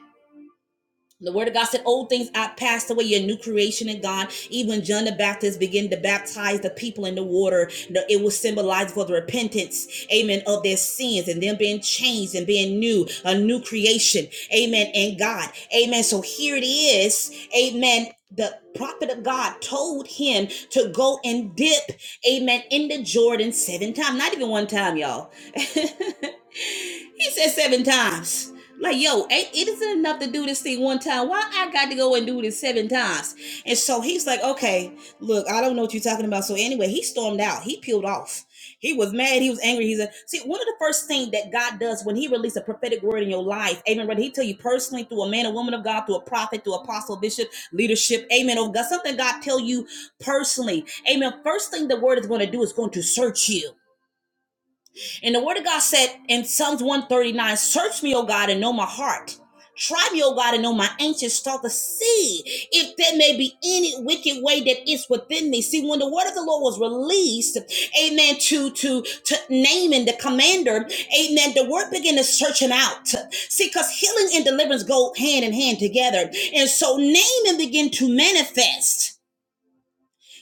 Speaker 2: The word of God said, Old things are passed away, your new creation in God. Even John the Baptist began to baptize the people in the water. It was symbolized for the repentance, amen, of their sins and them being changed and being new, a new creation, amen, in God. Amen. So here it is, amen. The prophet of God told him to go and dip, amen, in the Jordan seven times. Not even one time, y'all. he said seven times like, yo, ain't it isn't enough to do this thing one time. Why I got to go and do this seven times? And so he's like, okay, look, I don't know what you're talking about. So anyway, he stormed out. He peeled off. He was mad. He was angry. He's a see. One of the first things that God does when He releases a prophetic word in your life, Amen. Whether He tell you personally through a man, a woman of God, through a prophet, through apostle, bishop, leadership, Amen. Oh God, something God tell you personally, Amen. First thing the word is going to do is going to search you. And the word of God said in Psalms 139, search me, O God, and know my heart. Try me, O God, and know my anxious thought to see if there may be any wicked way that is within me. See, when the word of the Lord was released, amen, to, to, to Naaman, the commander, amen, the word began to search him out. See, because healing and deliverance go hand in hand together. And so Naaman began to manifest.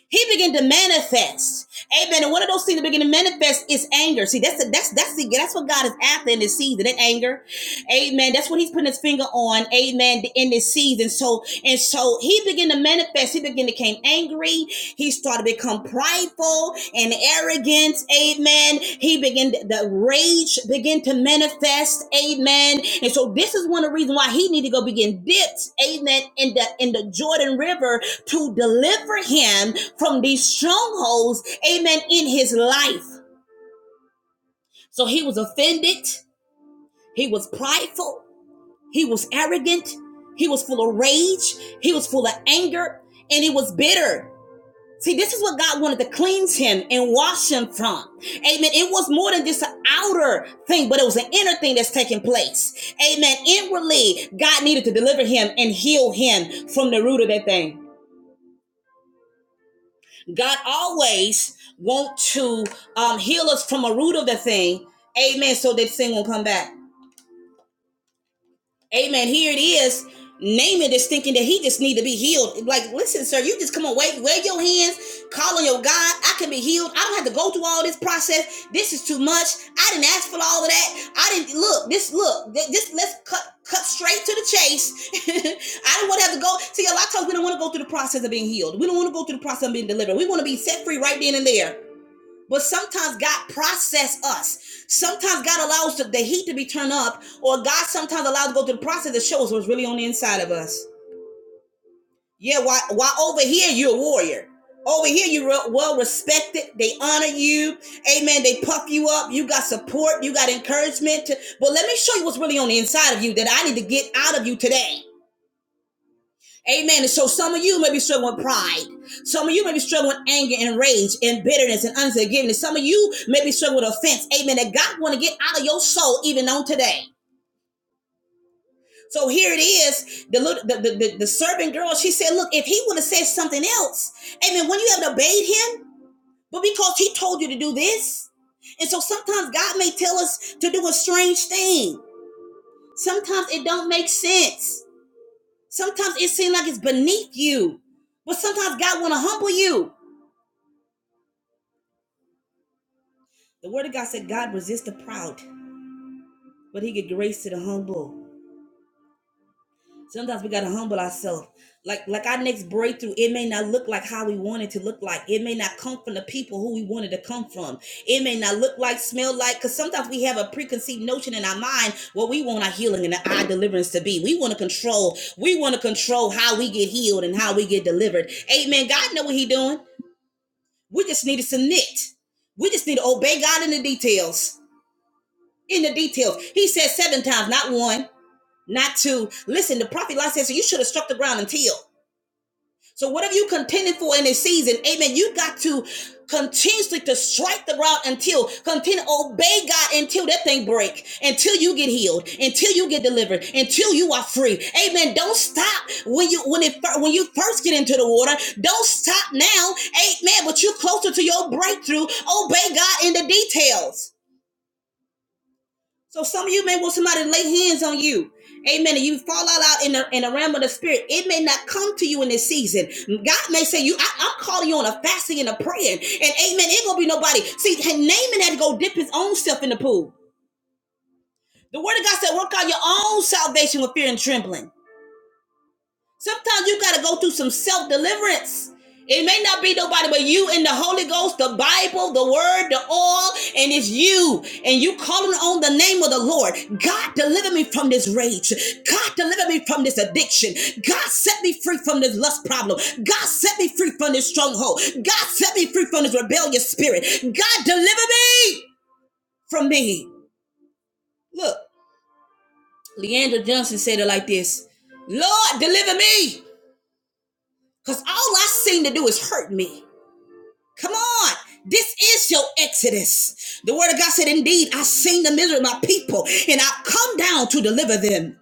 Speaker 2: He began to manifest. Amen. And one of those things that begin to manifest is anger. See, that's the, that's that's the, that's what God is after in this season. That anger. Amen. That's what he's putting his finger on. Amen. In this season. So and so he began to manifest. He began to became angry. He started to become prideful and arrogant. Amen. He began to, the rage began to manifest. Amen. And so this is one of the reasons why he needed to go begin dipped. Amen. In the in the Jordan River to deliver him from these strongholds, amen, in his life. So he was offended, he was prideful, he was arrogant, he was full of rage, he was full of anger, and he was bitter. See, this is what God wanted to cleanse him and wash him from. Amen. It was more than just an outer thing, but it was an inner thing that's taking place. Amen. Inwardly, God needed to deliver him and heal him from the root of that thing. God always want to um, heal us from a root of the thing. Amen. So that thing will come back. Amen. Here it is. Naaman is thinking that he just need to be healed. Like, listen, sir, you just come on, wave, wave your hands, call on your God. I can be healed. I don't have to go through all this process. This is too much. I didn't ask for all of that. I didn't look. This look. This let's cut cut straight to the chase. I don't want to have to go. See, a lot of times we don't want to go through the process of being healed. We don't want to go through the process of being delivered. We want to be set free right then and there. But sometimes God process us. Sometimes God allows the heat to be turned up, or God sometimes allows to go through the process that shows what's really on the inside of us. Yeah, why? Why over here you're a warrior? Over here you're well respected. They honor you. Amen. They puff you up. You got support. You got encouragement. To, But let me show you what's really on the inside of you that I need to get out of you today. Amen. And so some of you may be struggling with pride. Some of you may be struggling with anger and rage and bitterness and unforgiveness. Some of you may be struggling with offense. Amen. That God want to get out of your soul even on today. So here it is. The, the, the, the, the servant girl, she said, look, if he would have said something else, amen, when you have obeyed him, but because he told you to do this. And so sometimes God may tell us to do a strange thing. Sometimes it don't make sense. Sometimes it seems like it's beneath you. But sometimes God want to humble you. The word of God said God resists the proud, but he give grace to the humble. Sometimes we gotta humble ourselves. Like like our next breakthrough, it may not look like how we want it to look like. It may not come from the people who we wanted to come from. It may not look like, smell like, because sometimes we have a preconceived notion in our mind what we want our healing and our deliverance to be. We want to control. We want to control how we get healed and how we get delivered. Amen. God know what He doing. We just need to submit. We just need to obey God in the details. in the details. He said seven times, not one, not two. Listen, the prophet Lot says, so you should have struck the ground and tilled. So whatever you contended for in this season, amen, you got to continuously to strike the ground until continue obey God until that thing break, until you get healed, until you get delivered, until you are free. Amen. Don't stop when you when it when you first get into the water. Don't stop now. Amen. But you're closer to your breakthrough. Obey God in the details. So some of you may want somebody to lay hands on you. Amen. And you fall all out in the, in the realm of the spirit. It may not come to you in this season. God may say, "You, I, I'm calling you on a fasting and a praying. And amen. It gonna be nobody. See, Naaman had to go dip his own self in the pool. The word of God said, work out your own salvation with fear and trembling. Sometimes you got to go through some self deliverance. It may not be nobody but you and the Holy Ghost, the Bible, the Word, the all, and it's you. And you calling on the name of the Lord. God, deliver me from this rage. God, deliver me from this addiction. God, set me free from this lust problem. God, set me free from this stronghold. God, set me free from this rebellious spirit. God, deliver me from me. Look, Leandra Johnson said it like this Lord, deliver me. Because all I seem to do is hurt me. Come on. This is your exodus. The word of God said, Indeed, I seen the misery of my people, and I've come down to deliver them.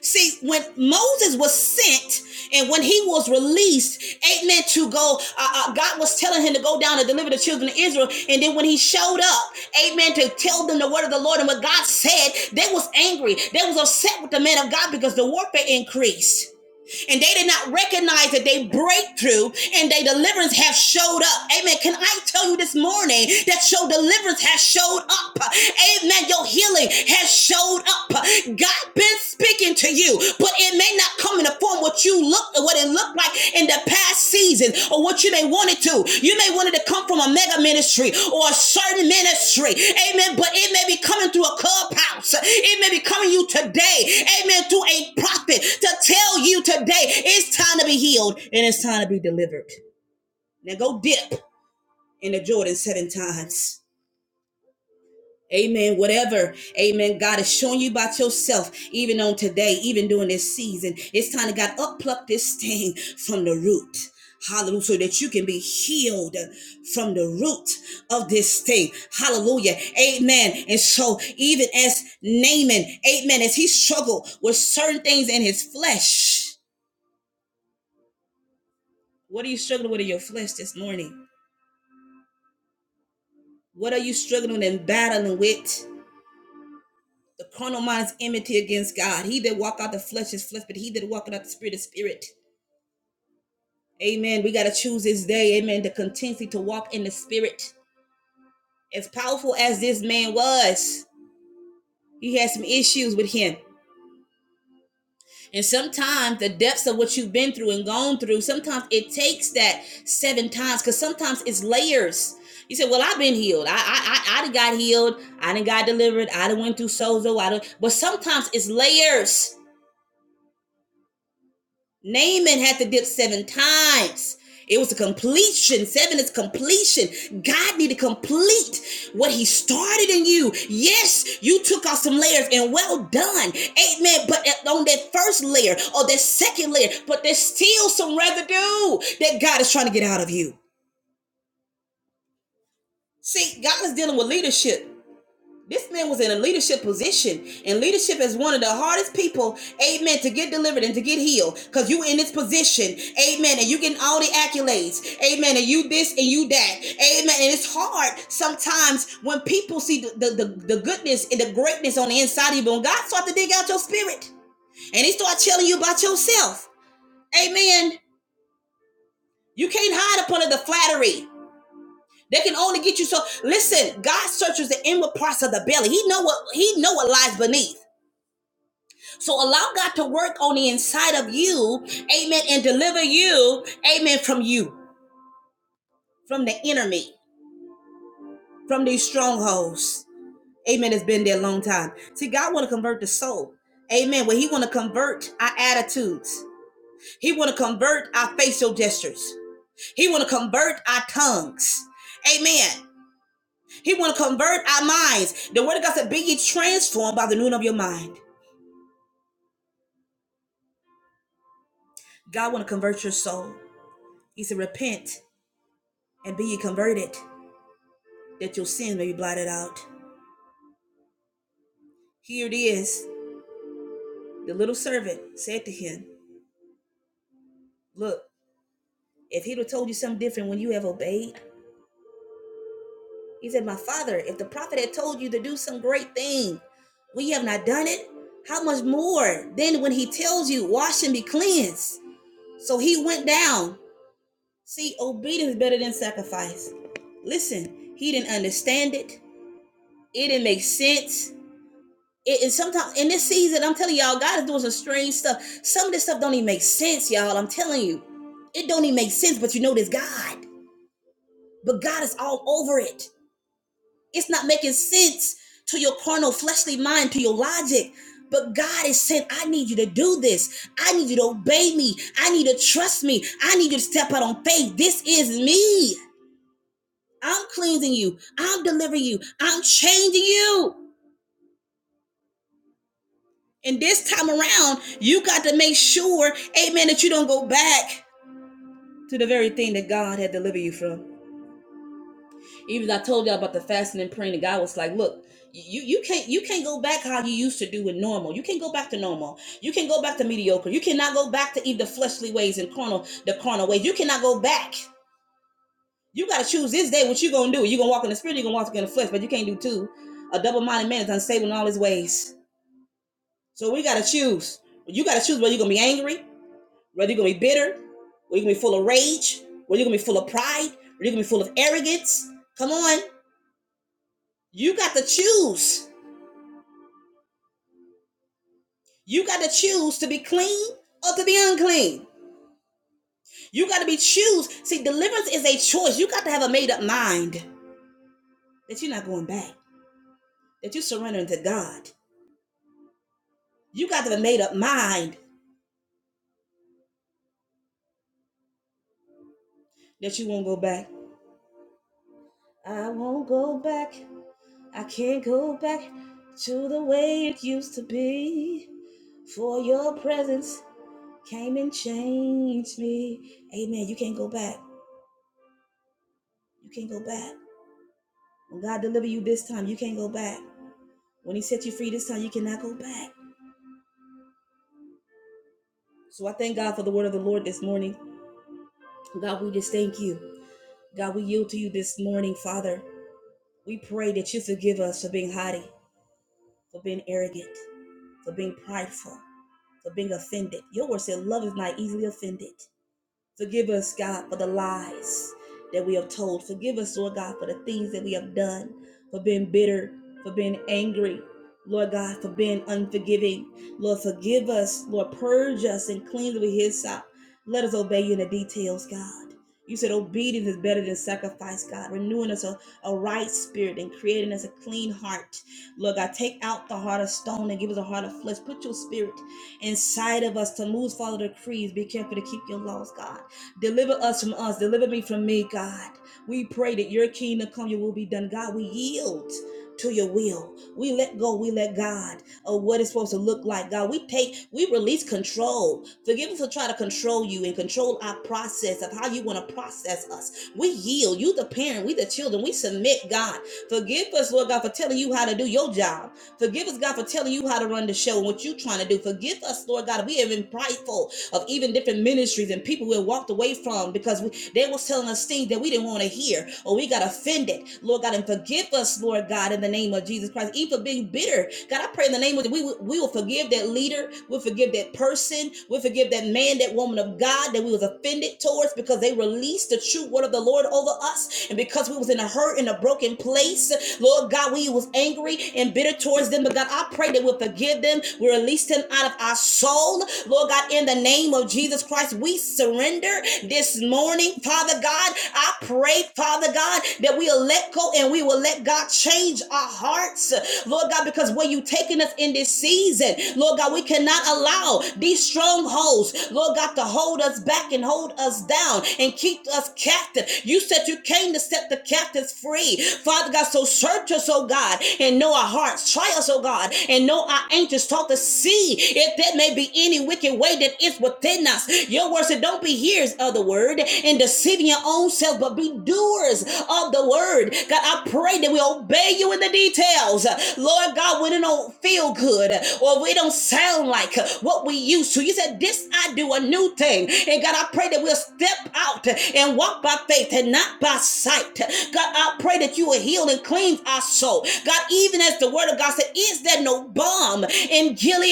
Speaker 2: See, when Moses was sent and when he was released, Amen, to go, uh, uh, God was telling him to go down and deliver the children of Israel. And then when he showed up, Amen, to tell them the word of the Lord and what God said, they was angry. They was upset with the man of God because the warfare increased. and they did not recognize that they breakthrough and their deliverance have showed up. Amen. Can I tell you this morning that your deliverance has showed up? Amen. Your healing has showed up. God been speaking to you, but it may not come in the form what you look what it looked like in the past season or what you may want it to. You may want it to come from a mega ministry or a certain ministry. Amen. But it may be coming through a clubhouse. It may be coming you today. Amen. Through a prophet to tell you today it's time to be healed and it's time to be delivered. Now go dip in the Jordan seven times. Amen. Whatever, amen. God is showing you about yourself, even on today, even during this season. It's time to God uppluck this thing from the root. Hallelujah. So that you can be healed from the root of this thing. Hallelujah. Amen. And so, even as Naaman, amen, as he struggled with certain things in his flesh, what are you struggling with in your flesh this morning? What are you struggling and battling with? The carnal mind's enmity against God. He that walk out the flesh is flesh, but he that walk out the spirit is spirit. Amen. We got to choose this day, amen, to continually to walk in the spirit. As powerful as this man was, he had some issues with him. And sometimes the depths of what you've been through and gone through, sometimes it takes that seven times because sometimes it's layers. You say, Well, I've been healed. I I I, I done got healed. I done got delivered. I done went through sozo. I done, but sometimes it's layers Naaman had to dip seven times. It was a completion. Seven is completion. God need to complete what He started in you. Yes, you took off some layers and well done. Amen. But on that first layer or that second layer, but there's still some residue that God is trying to get out of you. See, God is dealing with leadership. This man was in a leadership position, and leadership is one of the hardest people, amen, to get delivered and to get healed. Because you in this position, amen, and you getting all the accolades, amen, and you this and you that, amen. And it's hard sometimes when people see the, the, the, the goodness and the greatness on the inside of you, but when God start to dig out your spirit and he start telling you about yourself, amen, you can't hide upon it the flattery. They can only get you so listen, God searches the inward parts of the belly. He know what he know what lies beneath. So allow God to work on the inside of you, amen, and deliver you, amen, from you, from the enemy, from these strongholds. Amen. It's been there a long time. See, God want to convert the soul. Amen. Well, He want to convert our attitudes. He want to convert our facial gestures. He want to convert our tongues. Amen. He want to convert our minds. The word of God said, "Be ye transformed by the renewing of your mind." God want to convert your soul. He said, "Repent and be ye converted." that your sin may be blotted out. Here it is. The little servant said to him, Look, if he'd have told you something different when you have obeyed, he said, My father, if the prophet had told you to do some great thing, we have not done it, how much more then when he tells you, Wash and be cleansed? So he went down. See, obedience is better than sacrifice. Listen, he didn't understand it, it didn't make sense It, and sometimes in this season, I'm telling y'all, God is doing some strange stuff. Some of this stuff don't even make sense, y'all. I'm telling you, it don't even make sense. But you know, this God, but God is all over it. It's not making sense to your carnal, fleshly mind, to your logic. But God is saying, I need you to do this. I need you to obey me. I need you to trust me. I need you to step out on faith. This is me. I'm cleansing you. I'm delivering you. I'm changing you. And this time around, you got to make sure, amen, that you don't go back to the very thing that God had delivered you from. Even I told y'all about the fasting and praying, and God was like, look, you you can't you can't go back how you used to do it normal. You can't go back to normal. You can not go back to mediocre. You cannot go back to either fleshly ways and carnal the carnal ways. You cannot go back. You gotta choose this day what you gonna do. you gonna walk in the spirit, you gonna walk in the flesh, but you can't do two. A double-minded man is unstable in all his ways. So we gotta choose. You gotta choose whether you're gonna be angry. Whether you're gonna be bitter, or you're gonna be full of rage, or you're gonna be full of pride, or you're gonna be full of arrogance. Come on, you got to choose. You got to choose to be clean or to be unclean. You got to be choose. See, deliverance is a choice. You got to have a made up mind that you're not going back. That you're surrendering to God. You got to have a made up mind that you won't go back. I won't go back. I can't go back to the way it used to be. For your presence Came and changed me. Amen. You can't go back. You can't go back. When God delivered you this time, you can't go back. When He set you free this time, you cannot go back. So I thank God for the word of the Lord this morning. God, we just thank you. God, we yield to you this morning, Father. We pray that you forgive us for being haughty, for being arrogant, for being prideful, for being offended. Your word said love is not easily offended. Forgive us, God, for the lies that we have told. Forgive us, Lord God, for the things that we have done, for being bitter, for being angry. Lord God, for being unforgiving. Lord, forgive us. Lord, purge us and cleanse with His out. Let us obey you in the details, God. You said obedience is better than sacrifice, God. Renewing us a, a right spirit and creating us a clean heart. Lord God, take out the heart of stone and give us a heart of flesh. Put your spirit inside of us to lose follow the creeds. Be careful to keep your laws, God. Deliver us from us. Deliver me from me, God. We pray that your kingdom come, your will be done. God, we yield to your will. We let go, we let God of what it's supposed to look like. God, we take, we release control. Forgive us for trying to control you and control our process of how you want to process us. We yield. You the parent, we the children. We submit, God. Forgive us, Lord God, for telling you how to do your job. Forgive us, God, for telling you how to run the show and what you're trying to do. Forgive us, Lord God, if we have been prideful of even different ministries and people we walked away from because we, they was telling us things that we didn't want to hear or we got offended. Lord God, and forgive us, Lord God, in the name of Jesus Christ, even for being bitter. God, I pray in the name of we will- we will forgive that leader, we'll forgive that person, we'll forgive that man, that woman of God that we was offended towards because they released the true word of the Lord over us, and because we was in a hurt in a broken place, Lord God, we was angry and bitter towards them. But God, I pray that we'll forgive them. We will release them out of our soul. Lord God, in the name of Jesus Christ, we surrender this morning, Father God. I pray, Father God, that we will let go and we will let God change our hearts, Lord God, because where you taking us in this season, Lord God, we cannot allow these strongholds, Lord God, to hold us back and hold us down and keep us captive. You said you came to set the captives free, Father God. So search us, oh God, and know our hearts. Try us, oh oh God, and know our angels taught to see if there may be any wicked way that is within us. Your word said, Don't be hearers of the word and deceiving your own self, but be doers of the word. God, I pray that we obey you in the details. Lord God, when it don't feel good or we don't sound like what we used to, you said, This I do a new thing. And God, I pray that we'll step out and walk by faith and not by sight. God, I pray that you will heal and cleanse our soul. God, even as the word of God said, is there no balm in Gilead?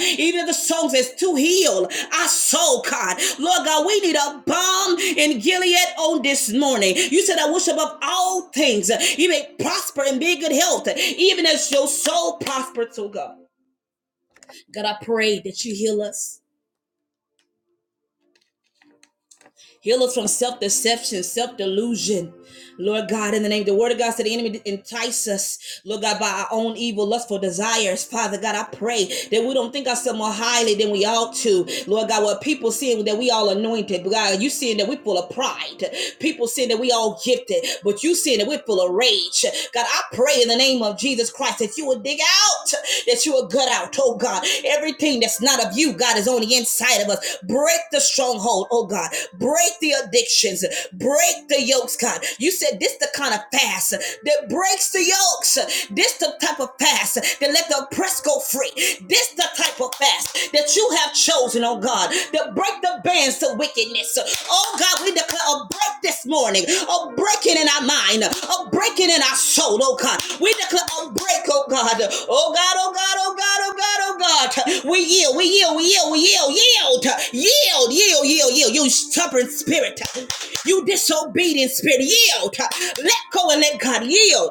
Speaker 2: Even the song says to heal our soul, God. Lord God, we need a balm in Gilead on this morning. You said, I wish above all things you may prosper and be in good health, even as your soul prospers, oh God. God, I pray that you heal us. Heal us from self deception, self delusion. Lord God, in the name, of the word of God said the enemy entice us, Lord God, by our own evil, lustful desires. Father God, I pray that we don't think ourselves more highly than we ought to. Lord God, what people see that we all anointed. But God, you see that we're full of pride. People see that we all gifted, but you see that we're full of rage. God, I pray in the name of Jesus Christ that you will dig out, that you your good out, oh God. Everything that's not of you, God, is on the inside of us. Break the stronghold, oh God. Break the addictions. Break the yokes, God. You said this the kind of fast that breaks the yokes. This the type of fast that let the oppressed go free. This the type of fast that you have chosen, oh God, to break the bands to wickedness wickedness. Oh God, we declare a break this morning, a breaking in our mind, a breaking in our soul, oh God. We declare a break, oh God. Oh God, oh God, oh God, oh God, oh God. We yield, we yield, we yield, we yield, yield, yield, yield, yield, yield. You stubborn spirit, you disobedient spirit, yield. Let go and let God yield.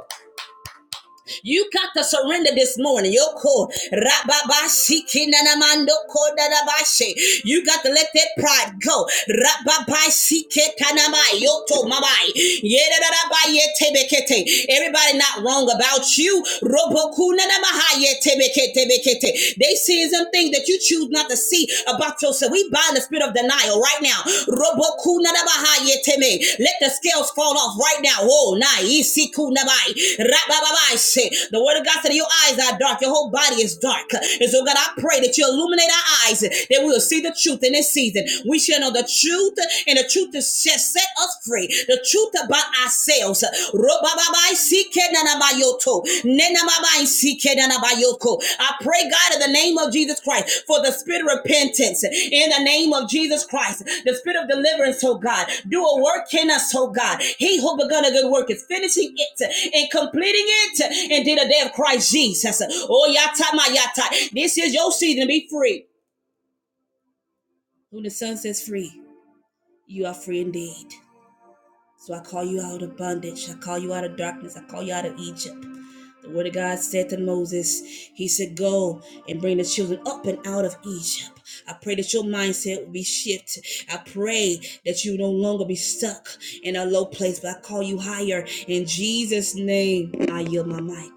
Speaker 2: You got to surrender this morning. Yoko, rababasikinanamando kodadabashe. You got to let that pride go. Rababasiketanamai, yoto mamai. Yedadadabayetebekete. Everybody not wrong about you. Robokunanamahayetebeketebekete. They see some things that you choose not to see about yourself. We buy bind the spirit of denial right now. Let the scales fall off right now. Oh, The word of God said your eyes are dark, your whole body is dark. And so, God, I pray that you illuminate our eyes, that we will see the truth in this season. We shall know the truth, and the truth is set set us free. The truth about ourselves. Ro-ba-ba-ba. I seek it, na na ba yoto. Ne na ma ba I seek it, na I pray, God, in the name of Jesus Christ, for the spirit of repentance. In the name of Jesus Christ, the spirit of deliverance, oh God. Do a work in us, oh God. He who begun a good work is finishing it and completing it until the day of Christ Jesus. Oh, yata my yata. This is your season to be free. When the sun says free, you are free indeed. So I call you out of bondage. I call you out of darkness. I call you out of Egypt. The word of God said to Moses, He said, Go and bring the children up and out of Egypt. I pray that your mindset will be shifted. I pray that you no longer be stuck in a low place, but I call you higher. In Jesus' name, I yield my mic.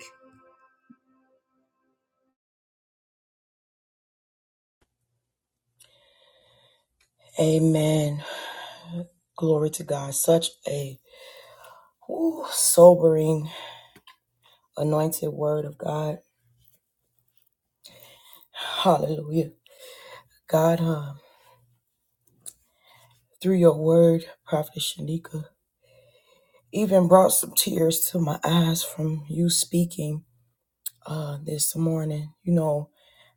Speaker 1: Amen. Glory to God. Such a whew, sobering, anointed word of God. Hallelujah. God, um, through your word, Prophet Shanika, even brought some tears to my eyes from you speaking uh, this morning. You know,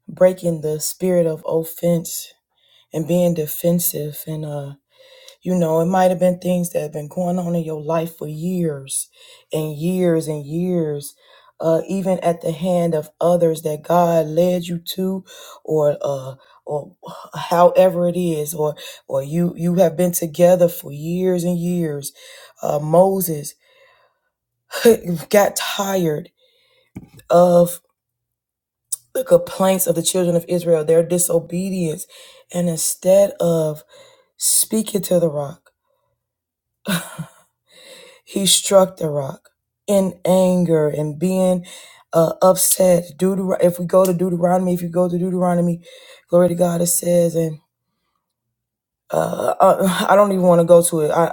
Speaker 1: breaking the spirit of offense and being defensive and uh, You know, it might have been things that have been going on in your life for years and years and years, uh, even at the hand of others that God led you to, or uh, or however it is, or or you you have been together for years and years. Uh, Moses got tired of the complaints of the children of Israel, their disobedience, and instead of speaking to the rock. He struck the rock in anger and being uh, upset. Deuter- if we go to Deuteronomy, if you go to Deuteronomy, glory to God, it says, and uh, I, I don't even want to go to it. I,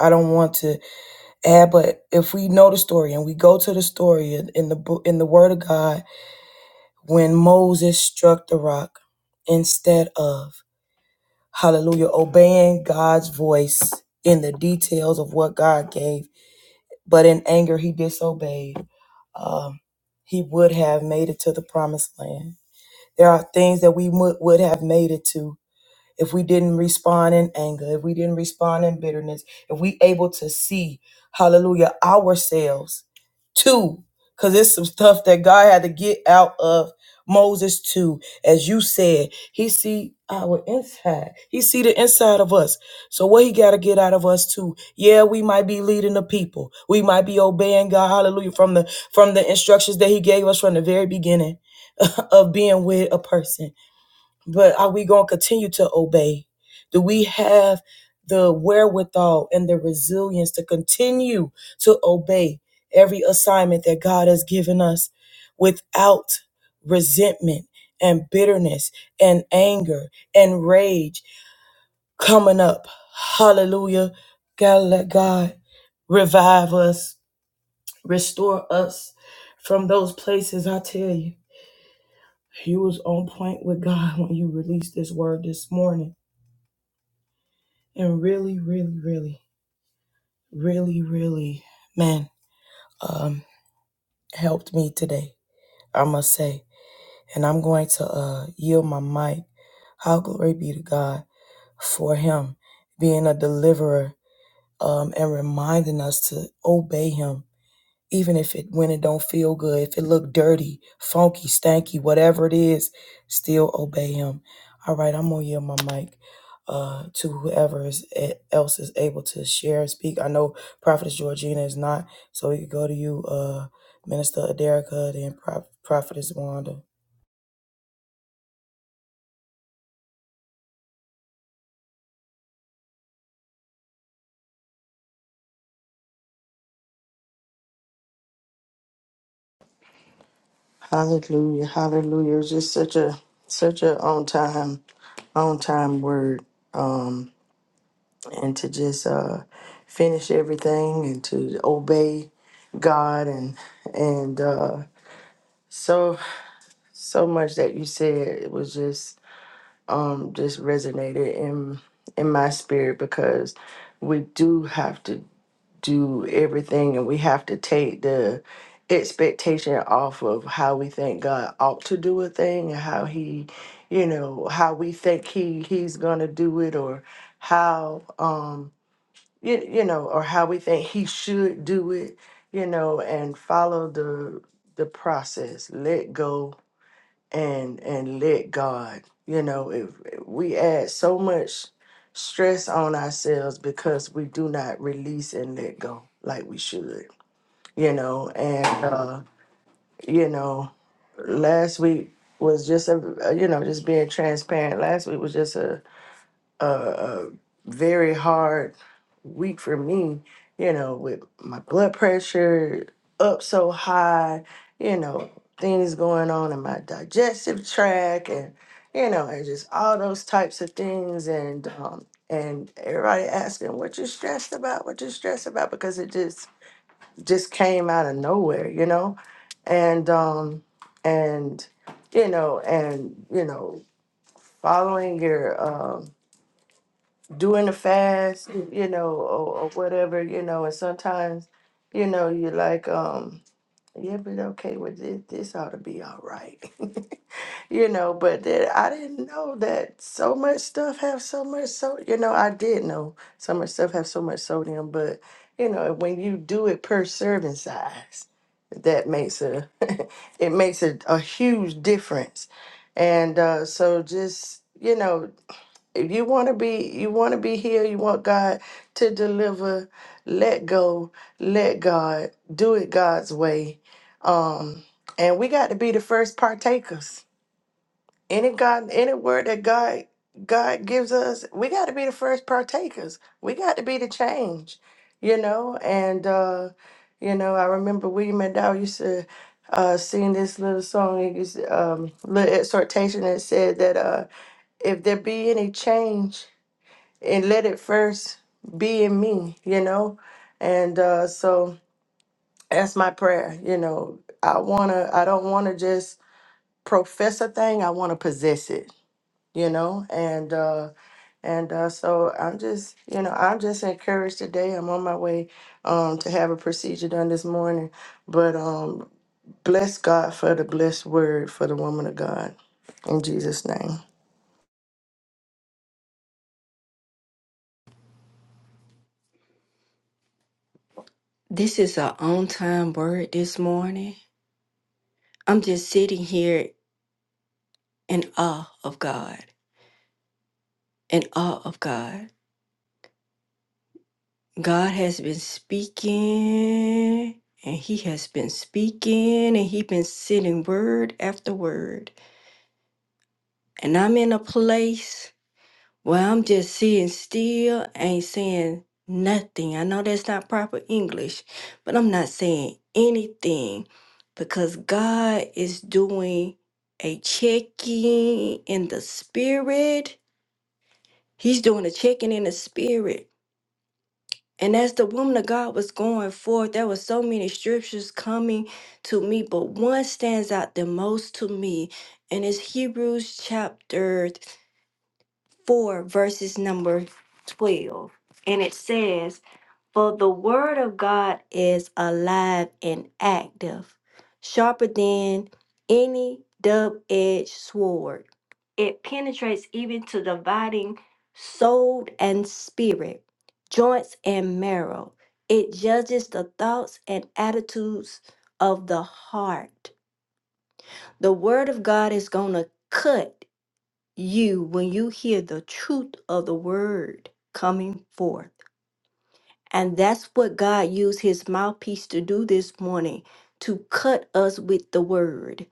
Speaker 1: I I don't want to add, but if we know the story and we go to the story in, in the bo- in the Word of God, when Moses struck the rock instead of Hallelujah, obeying God's voice in the details of what God gave but in anger he disobeyed. Um, he would have made it to the promised land. There are things that we would would have made it to if we didn't respond in anger, if we didn't respond in bitterness, if we able to see, hallelujah, ourselves too, because it's some stuff that God had to get out of Moses too. As you said, he see our inside. He see the inside of us. So what he got to get out of us too. Yeah, we might be leading the people. We might be obeying God, hallelujah, from the from the instructions that he gave us from the very beginning of being with a person but are we going to continue to obey? Do we have the wherewithal and the resilience to continue to obey every assignment that God has given us without resentment and bitterness and anger and rage coming up? Hallelujah. Gotta let God revive us, restore us from those places. I tell you, you was on point with God when you released this word this morning and really, really, really, really, really, man, um, helped me today. I must say, and I'm going to uh, yield my mic. How glory be to God for Him being a deliverer um, and reminding us to obey Him even if it when it don't feel good, if it look dirty, funky, stanky, whatever it is, still obey him. All right, I'm gonna yield my mic uh, to whoever is, eh, else is able to share and speak. I know Prophetess Georgina is not, so we could go to you, uh, Minister Aderica, then Proph- Prophetess Wanda.
Speaker 3: Hallelujah, hallelujah. It was just such a such a on time, on time word. Um and to just uh finish everything and to obey God and and uh so so much that you said it was just um just resonated in in my spirit because we do have to do everything and we have to take the expectation off of how we think God ought to do a thing and how he you know how we think he he's going to do it or how um you, you know or how we think he should do it you know and follow the the process let go and and let God. You know, if we add so much stress on ourselves because we do not release and let go like we should. You know, and uh, you know, last week was just a you know just being transparent. Last week was just a a, a very hard week for me, you know, with my blood pressure up so high, you know, things going on in my digestive tract and you know, and just all those types of things and um and everybody asking what you stressed about, what you stressed about because it just just came out of nowhere, you know? And um and you know, and you know, following your um during the fast, you know, or, or whatever, you know, and sometimes, you know, you're like, um, yeah, but okay, well, this, this ought to be all right, you know, but then I didn't know that so much stuff have so much, so, you know, I did know so much stuff have so much sodium, but, you know, when you do it per serving size, that makes a, it makes a, a huge difference. And uh, so just, you know, if you want to be you want to be healed you want god to deliver let go let god do it god's way um and we got to be the first partakers any god any word that god god gives us we got to be the first partakers we got to be the change you know and uh you know i remember william mcdowell used to uh sing this little song it used, um little exhortation that said that uh if there be any change and let it first be in me, you know? And uh, so that's my prayer, you know. I wanna I don't wanna just profess a thing, I wanna possess it, you know? And uh and uh so I'm just, you know, I'm just encouraged today. I'm on my way um to have a procedure done this morning. But um bless God for the blessed word for the woman of God in Jesus' name.
Speaker 4: This is a on time word this morning. I'm just sitting here in awe of God, in awe of God. God has been speaking and he has been speaking and he has been sending word after word. And I'm in a place Well, I'm just sitting still, ain't saying nothing. I know that's not proper English, but I'm not saying anything because God is doing a checking in the spirit. He's doing a checking in the spirit. And as the woman of God was going forth, there were so many scriptures coming to me, but one stands out the most to me, and it's Hebrews chapter 4, verses number 12. And it says, For the word of God is alive and active, sharper than any double edged sword. It penetrates even to dividing soul and spirit, joints and marrow. It judges the thoughts and attitudes of the heart. The word of God is going to cut you when you hear the truth of the word coming forth. And that's what God used his mouthpiece to do this morning to cut us with the word.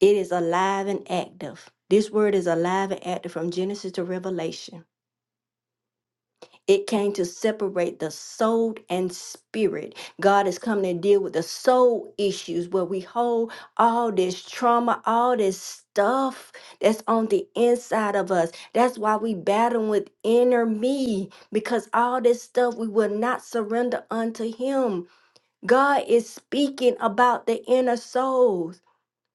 Speaker 4: It is alive and active. This word is alive and active from Genesis to Revelation It came to separate the soul and spirit. God is coming to deal with the soul issues where we hold all this trauma, all this stuff that's on the inside of us. That's why we battle with inner me because all this stuff we will not surrender unto Him. God is speaking about the inner souls.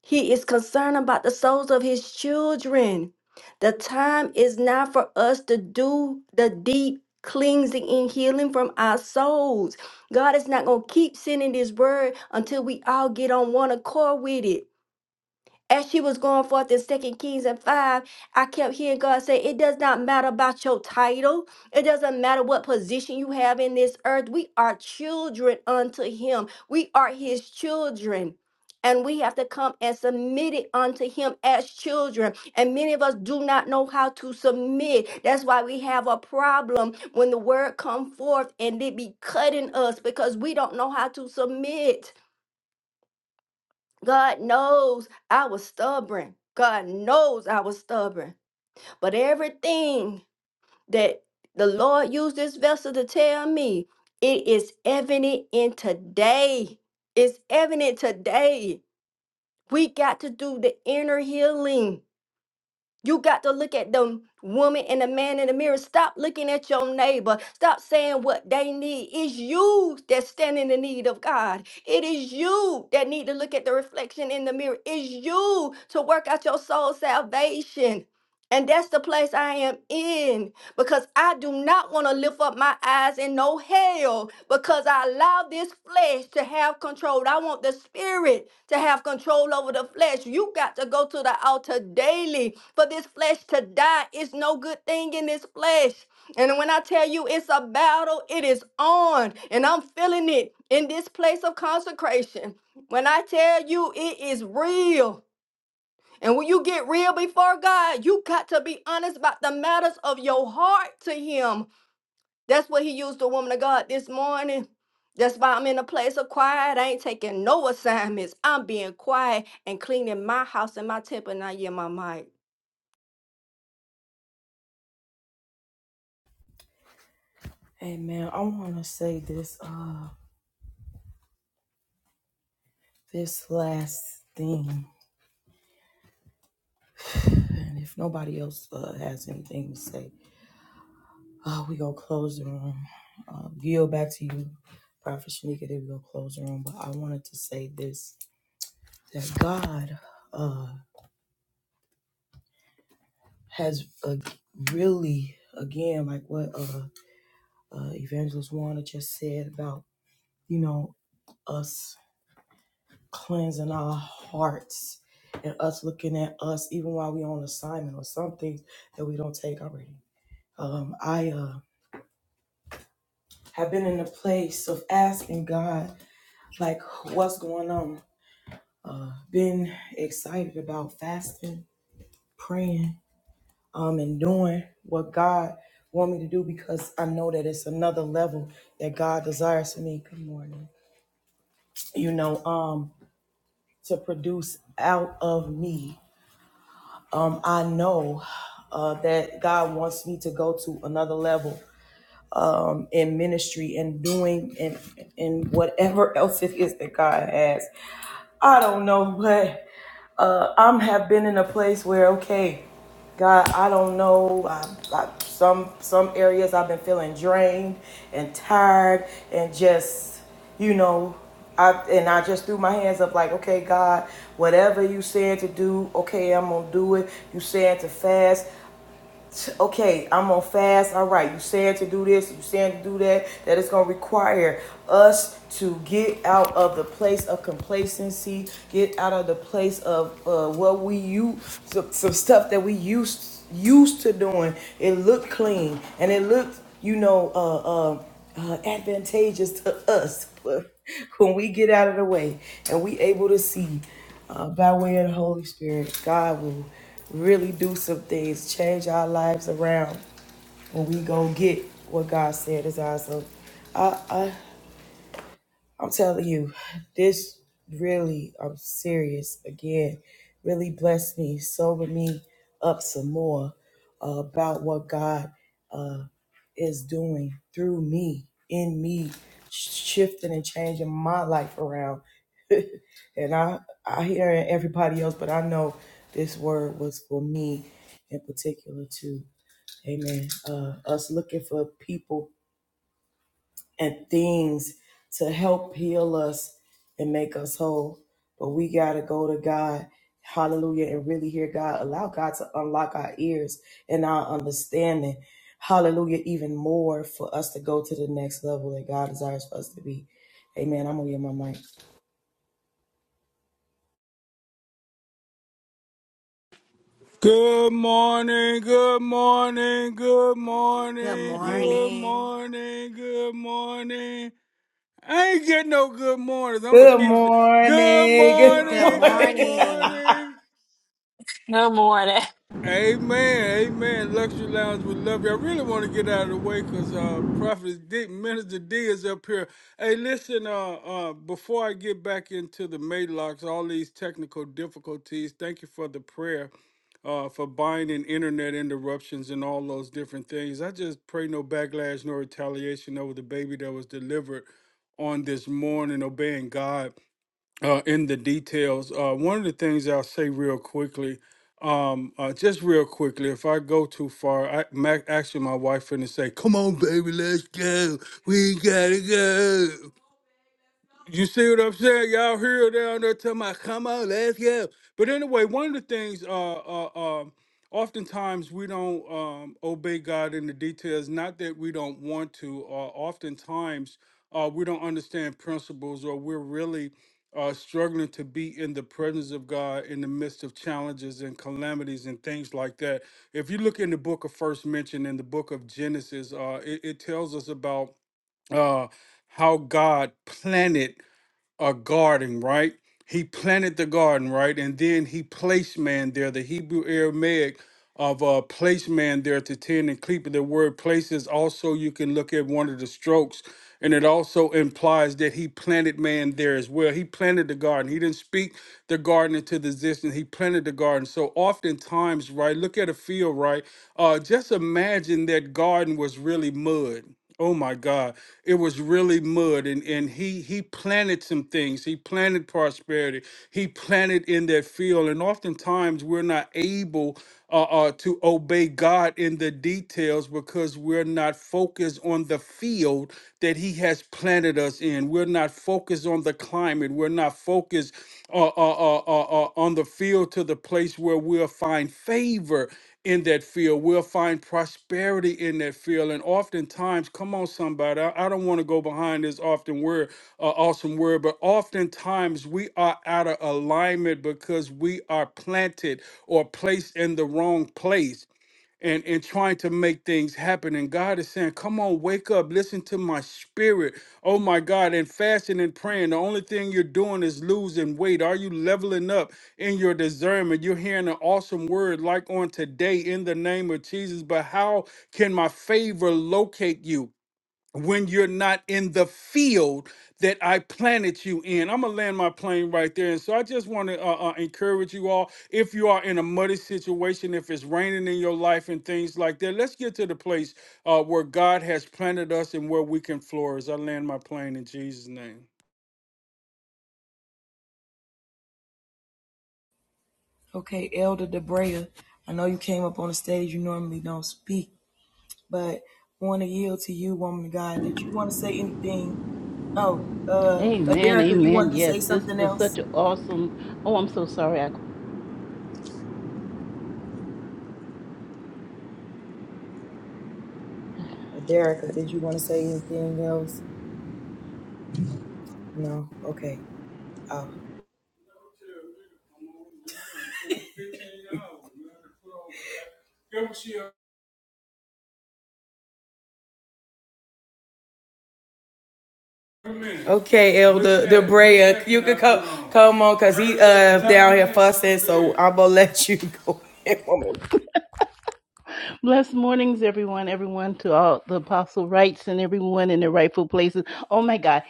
Speaker 4: He is concerned about the souls of his children. The time is now for us to do the deep cleansing and healing from our souls. God is not going to keep sending this word until we all get on one accord with it. As she was going forth in Second Kings and 5, I kept hearing God say, It does not matter about your title. It doesn't matter what position you have in this earth. We are children unto Him, we are His children. And we have to come and submit it unto Him as children. And many of us do not know how to submit. That's why we have a problem when the word come forth and it be cutting us because we don't know how to submit. God knows I was stubborn. God knows I was stubborn. But everything that the Lord used this vessel to tell me, it is evident in today. It's evident today. We got to do the inner healing. You got to look at the woman and the man in the mirror. Stop looking at your neighbor. Stop saying what they need. It's you that stand in the need of God. It is you that need to look at the reflection in the mirror. It's you to work out your soul salvation. And that's the place I am in because I do not want to lift up my eyes in no hell because I allow this flesh to have control. I want the spirit to have control over the flesh. You got to go to the altar daily for this flesh to die. It's no good thing in this flesh. And when I tell you it's a battle, it is on. And I'm feeling it in this place of consecration. When I tell you it is real. And when you get real before God, you got to be honest about the matters of your heart to Him. That's what He used the woman of God this morning. That's why I'm in a place of quiet. I ain't taking no assignments. I'm being quiet and cleaning my house and my temple. Now, yeah, my mic.
Speaker 1: Hey man, I want to say this uh, this last thing, and if nobody else uh, has anything to say, Oh, we gonna close the room. Uh, yield back to you, Prophet Shanika. Then we gonna close the room. But I wanted to say this: that God uh, has uh, really, again, like what uh, uh, Evangelist Wanda just said about you know us cleansing our hearts and us looking at us, even while we on assignment or something that we don't take already. Um, I uh, have been in a place of asking God, like, what's going on? uh, been excited about fasting, praying, um, and doing what God want me to do because I know that it's another level that God desires for me. Good morning. You know, um, to produce out of me. Um, I know uh, that God wants me to go to another level in ministry and doing and and whatever else it is that God has I don't know, but uh, I'm have been in a place where okay, God, I don't know. I, I, some some areas I've been feeling drained and tired and just you know, I and I just threw my hands up like, okay, God, whatever you said to do, okay, I'm gonna do it. You said to fast, okay, I'm on fast. All right, you said to do this, you said to do that, that it's going to require us to get out of the place of complacency, get out of the place of uh, what we use, some, some stuff that we used used to doing. It looked clean and it looked, you know, uh, uh, uh, advantageous to us. But when we get out of the way and we able to see uh, by way of the Holy Spirit, God will really do some things, change our lives around when we go get what God said is ours. So I, I, I'm telling you, this really, I'm serious again, really blessed me, sobered me up some more uh, about what God is doing through me, in me, sh- shifting and changing my life around. and I, I hear everybody else, but I know this word was for me in particular too. Amen. Uh, us looking for people and things to help heal us and make us whole. But we got to go to God. Hallelujah. And really hear God. Allow God to unlock our ears and our understanding. Hallelujah. Even more for us to go to the next level that God desires for us to be. Amen. I'm going to get my mic.
Speaker 5: Good morning, good morning, good morning,
Speaker 2: Good morning.
Speaker 5: good morning, good morning. I ain't getting no good mornings. I'm gonna
Speaker 1: Good
Speaker 5: keep. s- Good
Speaker 1: morning. Good
Speaker 5: morning, good
Speaker 1: morning.
Speaker 5: morning.
Speaker 6: Good morning.
Speaker 5: Amen, amen. Luxury Lounge, we love you. I really want to get out of the way because uh, Prophet Dick, Minister D is up here. Hey, listen, uh, uh, before I get back into the Maylocks, all these technical difficulties, thank you for the prayer uh, for binding internet interruptions and all those different things. I just pray no backlash no retaliation over the baby that was delivered on this morning, obeying God uh, in the details. Uh, one of the things I'll say real quickly, um, uh, just real quickly, if I go too far, I ma- actually my wife finna say, "Come on, baby, let's go. We gotta go." You see what I'm saying? Y'all here down there talking about come on, let's go. But anyway, one of the things uh uh um oftentimes we don't um obey God in the details, not that we don't want to, or oftentimes uh we don't understand principles or we're really uh struggling to be in the presence of God in the midst of challenges and calamities and things like that. If you look in the book of first mention in the book of Genesis, uh it, it tells us about uh how God planted a garden, right? He planted the garden, right? And then he placed man there. The Hebrew Aramaic of uh, place man there to tend and keep. The word places also, you can look at one of the strokes, and it also implies that he planted man there as well. He planted the garden. He didn't speak the garden into the existence. He planted the garden. So oftentimes, right, look at a field, right? Uh, just imagine that garden was really mud. Oh my God, it was really mud, and and he he planted some things. He planted prosperity. He planted in that field, and oftentimes we're not able uh, uh, to obey God in the details because we're not focused on the field that He has planted us in. We're not focused on the climate. We're not focused uh, uh, uh, uh, uh, on the field to the place where we'll find favor in that field. We'll find prosperity in that field. And oftentimes, come on, somebody, I, I don't want to go behind this often word, uh, awesome word, but oftentimes we are out of alignment because we are planted or placed in the wrong place and and trying to make things happen and god is saying come on wake up listen to my spirit oh my god and fasting and praying the only thing you're doing is losing weight are you leveling up in your discernment you're hearing an awesome word like on today in the name of jesus but how can my favor locate you when you're not in the field that I planted you in. I'm gonna land my plane right there. And so I just want to uh, uh, encourage you all. If you are in a muddy situation, if it's raining in your life and things like that, let's get to the place uh, where God has planted us and where we can flourish. I land my plane in Jesus' name.
Speaker 1: Okay, Elder Debrea, I know you came up on the stage. You normally don't speak, but want to yield to you, woman of God. Did you want to say anything? Oh, uh,
Speaker 7: Amen,
Speaker 1: Aderica, you
Speaker 7: amen.
Speaker 1: wanted to
Speaker 7: Yes,
Speaker 1: say
Speaker 7: this
Speaker 1: something
Speaker 7: was such
Speaker 1: else?
Speaker 7: an awesome. Oh, I'm so sorry. I
Speaker 1: Aderica, did you want to say anything else? No. Okay. Oh. Okay, Elder Debrea, you could come come on, cause he uh down here fussing, so I'm gonna let you go. woman.
Speaker 7: blessed mornings, everyone, everyone to all the apostle rights and everyone in their rightful places. Oh my God,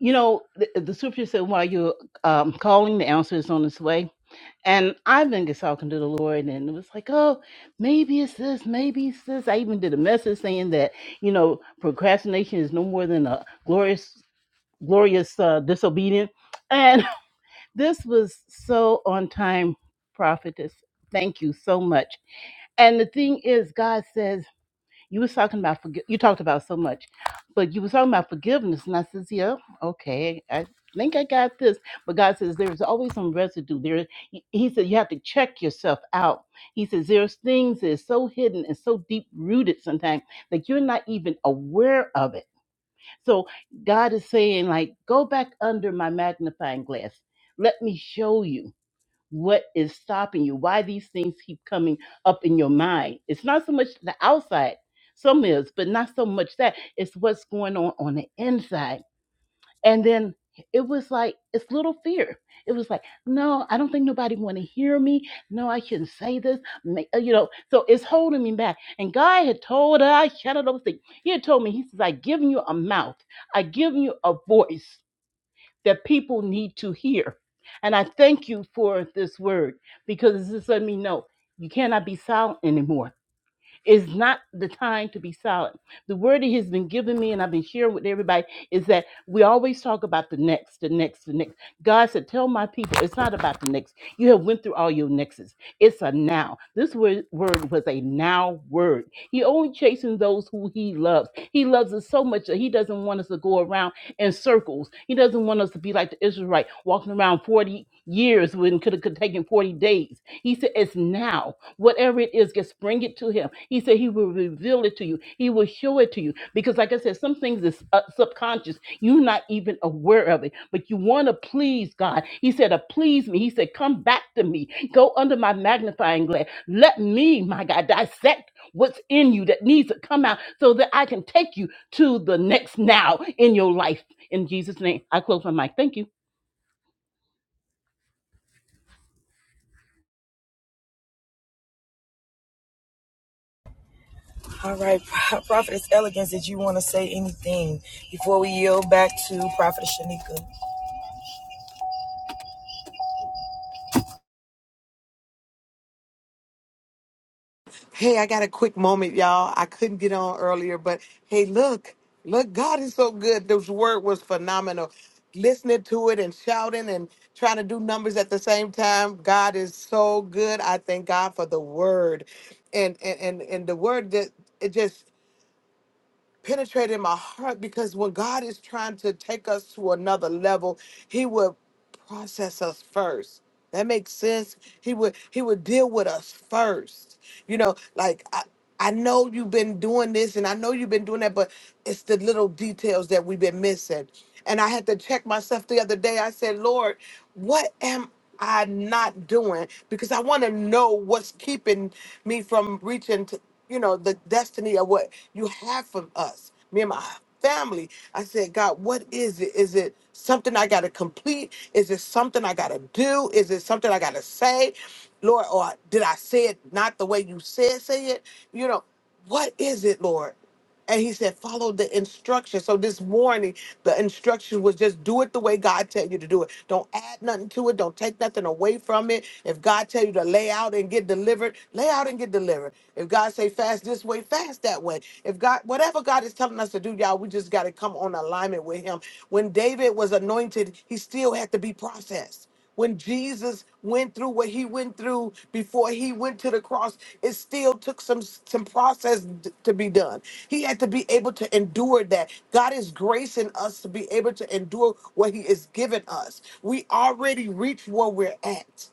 Speaker 7: you know the, the scripture said, "While you're um, calling, the answer is on its way." And I've been just talking to the Lord, and it was like, "Oh, maybe it's this, maybe it's this." I even did a message saying that you know procrastination is no more than a glorious, glorious uh, disobedience. This was so on time, prophetess. Thank you so much. And the thing is, God says you was talking about forgi- you talked about so much, but you was talking about forgiveness, and I says, yeah, okay, I think I got this. But God says there's always some residue there. He he said you have to check yourself out. He says there's things that is so hidden and so deep rooted sometimes that you're not even aware of it. So God is saying like, go back under my magnifying glass. Let me show you what is stopping you? Why these things keep coming up in your mind? It's not so much the outside, some is, but not so much that. It's what's going on on the inside. And then it was like it's little fear. It was like, no, I don't think nobody want to hear me. No, I shouldn't say this. Ma- uh, You know, so it's holding me back. And God had told us, shut up, those things. He had told me, He says, I given you a mouth. I given you a voice that people need to hear. And I thank you for this word because it's just letting me know you cannot be silent anymore is not the time to be silent. The word he has been giving me and I've been sharing with everybody is that we always talk about the next, the next, the next. God said, Tell my people, it's not about the next. You have went through all your nexts. It's a now. This word, word was a now word. He only chasing those who he loves. He loves us so much that he doesn't want us to go around in circles. He doesn't want us to be like the Israelite walking around 40 years when it could have taken 40 days. He said, It's now. Whatever it is, just bring it to him. He said, He will reveal it to you. He will show it to you. Because, like I said, some things is uh, subconscious. You're not even aware of it, but you want to please God. He said, "Uh, Please me. He said, Come back to me. Go under my magnifying glass. Let me, my God, dissect what's in you that needs to come out so that I can take you to the next now in your life. In Jesus' name, I close my mic. Thank you.
Speaker 1: All right, Pro- Prophetess Elegance, did you want to say anything before we yield back to Prophetess Shanika?
Speaker 8: Hey, I got a quick moment, y'all. I couldn't get on earlier, but hey, look, look, God is so good. This word was phenomenal. Listening to it and shouting and trying to do numbers at the same time. God is so good. I thank God for the word. And and and, and the word that it just penetrated my heart because when God is trying to take us to another level, He will process us first. That makes sense. He would He would deal with us first. You know, like I, I know you've been doing this and I know you've been doing that, but it's the little details that we've been missing. And I had to check myself the other day. I said, Lord, what am I not doing? Because I want to know what's keeping me from reaching to you know, the destiny of what you have for us. Me and my family. I said, God, what is it? Is it something I gotta complete? Is it something I gotta do? Is it something I gotta say? Lord, or did I say it not the way you said say it? You know, what is it, Lord? And he said, follow the instructions. So this morning, the instruction was just do it the way God tell you to do it. Don't add nothing to it. Don't take nothing away from it. If God tell you to lay out and get delivered, lay out and get delivered. If God say fast this way, fast that way. If God, whatever God is telling us to do, y'all, we just got to come on alignment with him. When David was anointed, he still had to be processed. When Jesus went through what he went through before he went to the cross, it still took some some process d- to be done. He had to be able to endure that. God is gracing us to be able to endure what he has given us. We already reached where we're at.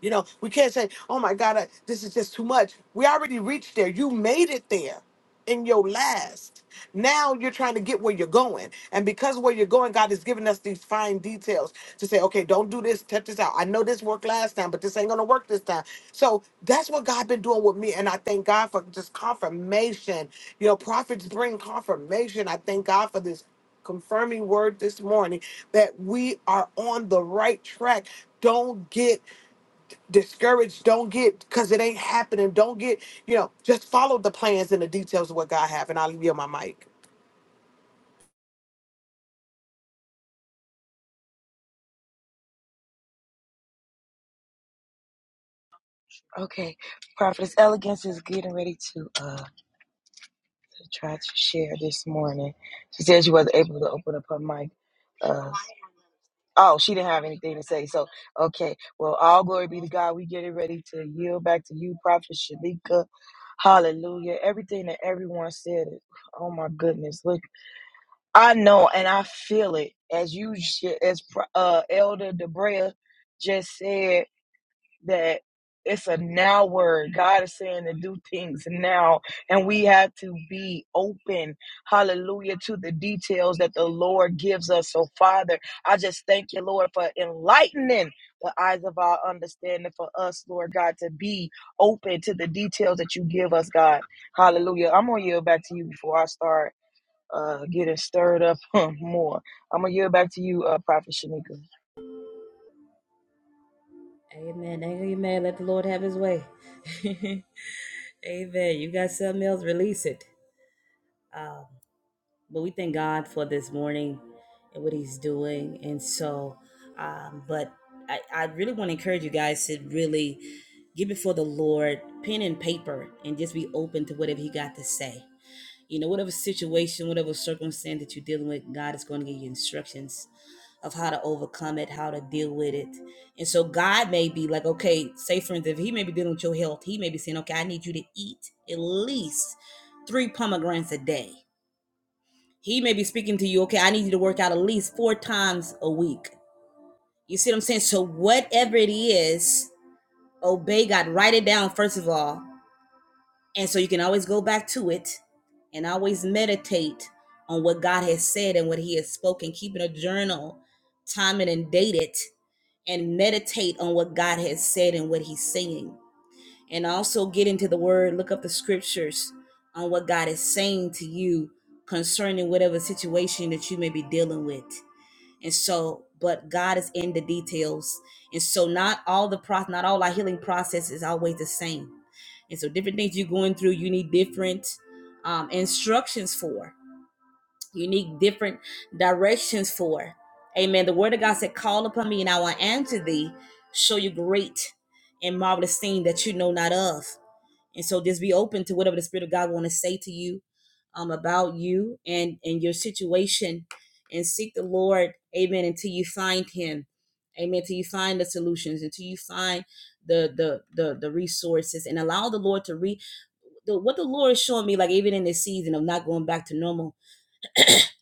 Speaker 8: You know, we can't say, oh my God, I, this is just too much. We already reached there. You made it there in your last. Now you're trying to get where you're going. And because where you're going, God has given us these fine details to say, okay, don't do this, check this out. I know this worked last time, but this ain't gonna work this time. So that's what God been doing with me. And I thank God for just confirmation. You know, prophets bring confirmation. I thank God for this confirming word this morning that we are on the right track. Don't get discouraged don't get because it ain't happening don't get you know just follow the plans and the details of what god have and i'll leave you on my mic
Speaker 1: Okay, Prophetess Elegance is getting ready to. uh. to try to share this morning. She said she wasn't able to open up her mic. Uh, oh, she didn't have anything to say. So, okay. Well, all glory be to God. We getting ready to yield back to you, Prophet Shalika. Hallelujah. Everything that everyone said. Oh my goodness. Look, I know and I feel it as you sh- as Pro- uh Elder Debrea just said that it's a now word. God is saying to do things now, and we have to be open, hallelujah, to the details that the Lord gives us. So, Father, I just thank you, Lord, for enlightening the eyes of our understanding for us, Lord God, to be open to the details that you give us, God. Hallelujah. I'm going to yield back to you before I start uh, getting stirred up more. I'm going to yield back to you, uh, Prophet Shanika.
Speaker 2: Amen. Amen. Let the Lord have his way. Amen. You got something else? Release it. Um, But we thank God for this morning and what He's doing. And so, um, but I, I really want to encourage you guys to really get before the Lord, pen and paper, and just be open to whatever He got to say. You know, whatever situation, whatever circumstance that you're dealing with, God is going to give you instructions of how to overcome it, how to deal with it. And so, God may be like, okay, say for instance, if He may be dealing with your health, He may be saying, okay, I need you to eat at least three pomegranates a day he may be speaking to you, okay, I need you to work out at least four times a week. You see what I'm saying? So, whatever it is, obey God. Write it down, first of all. And so you can always go back to it and always meditate on what God has said and what He has spoken. Keeping a journal, time it and date it, and meditate on what God has said and what He's saying. And also get into the Word, look up the scriptures on what God is saying to you concerning whatever situation that you may be dealing with. And so, but God is in the details. And so, not all the process, not all our healing process is always the same. And so, different things you're going through, you need different um, instructions for, you need different directions for. Amen. The word of God said, Call upon me and I will answer thee, show you great and marvelous thing that you know not of and so just be open to whatever the spirit of god want to say to you um, about you and and your situation and seek the lord amen until you find him amen until you find the solutions until you find the the the, the resources and allow the lord to read the, what the lord is showing me like even in this season of not going back to normal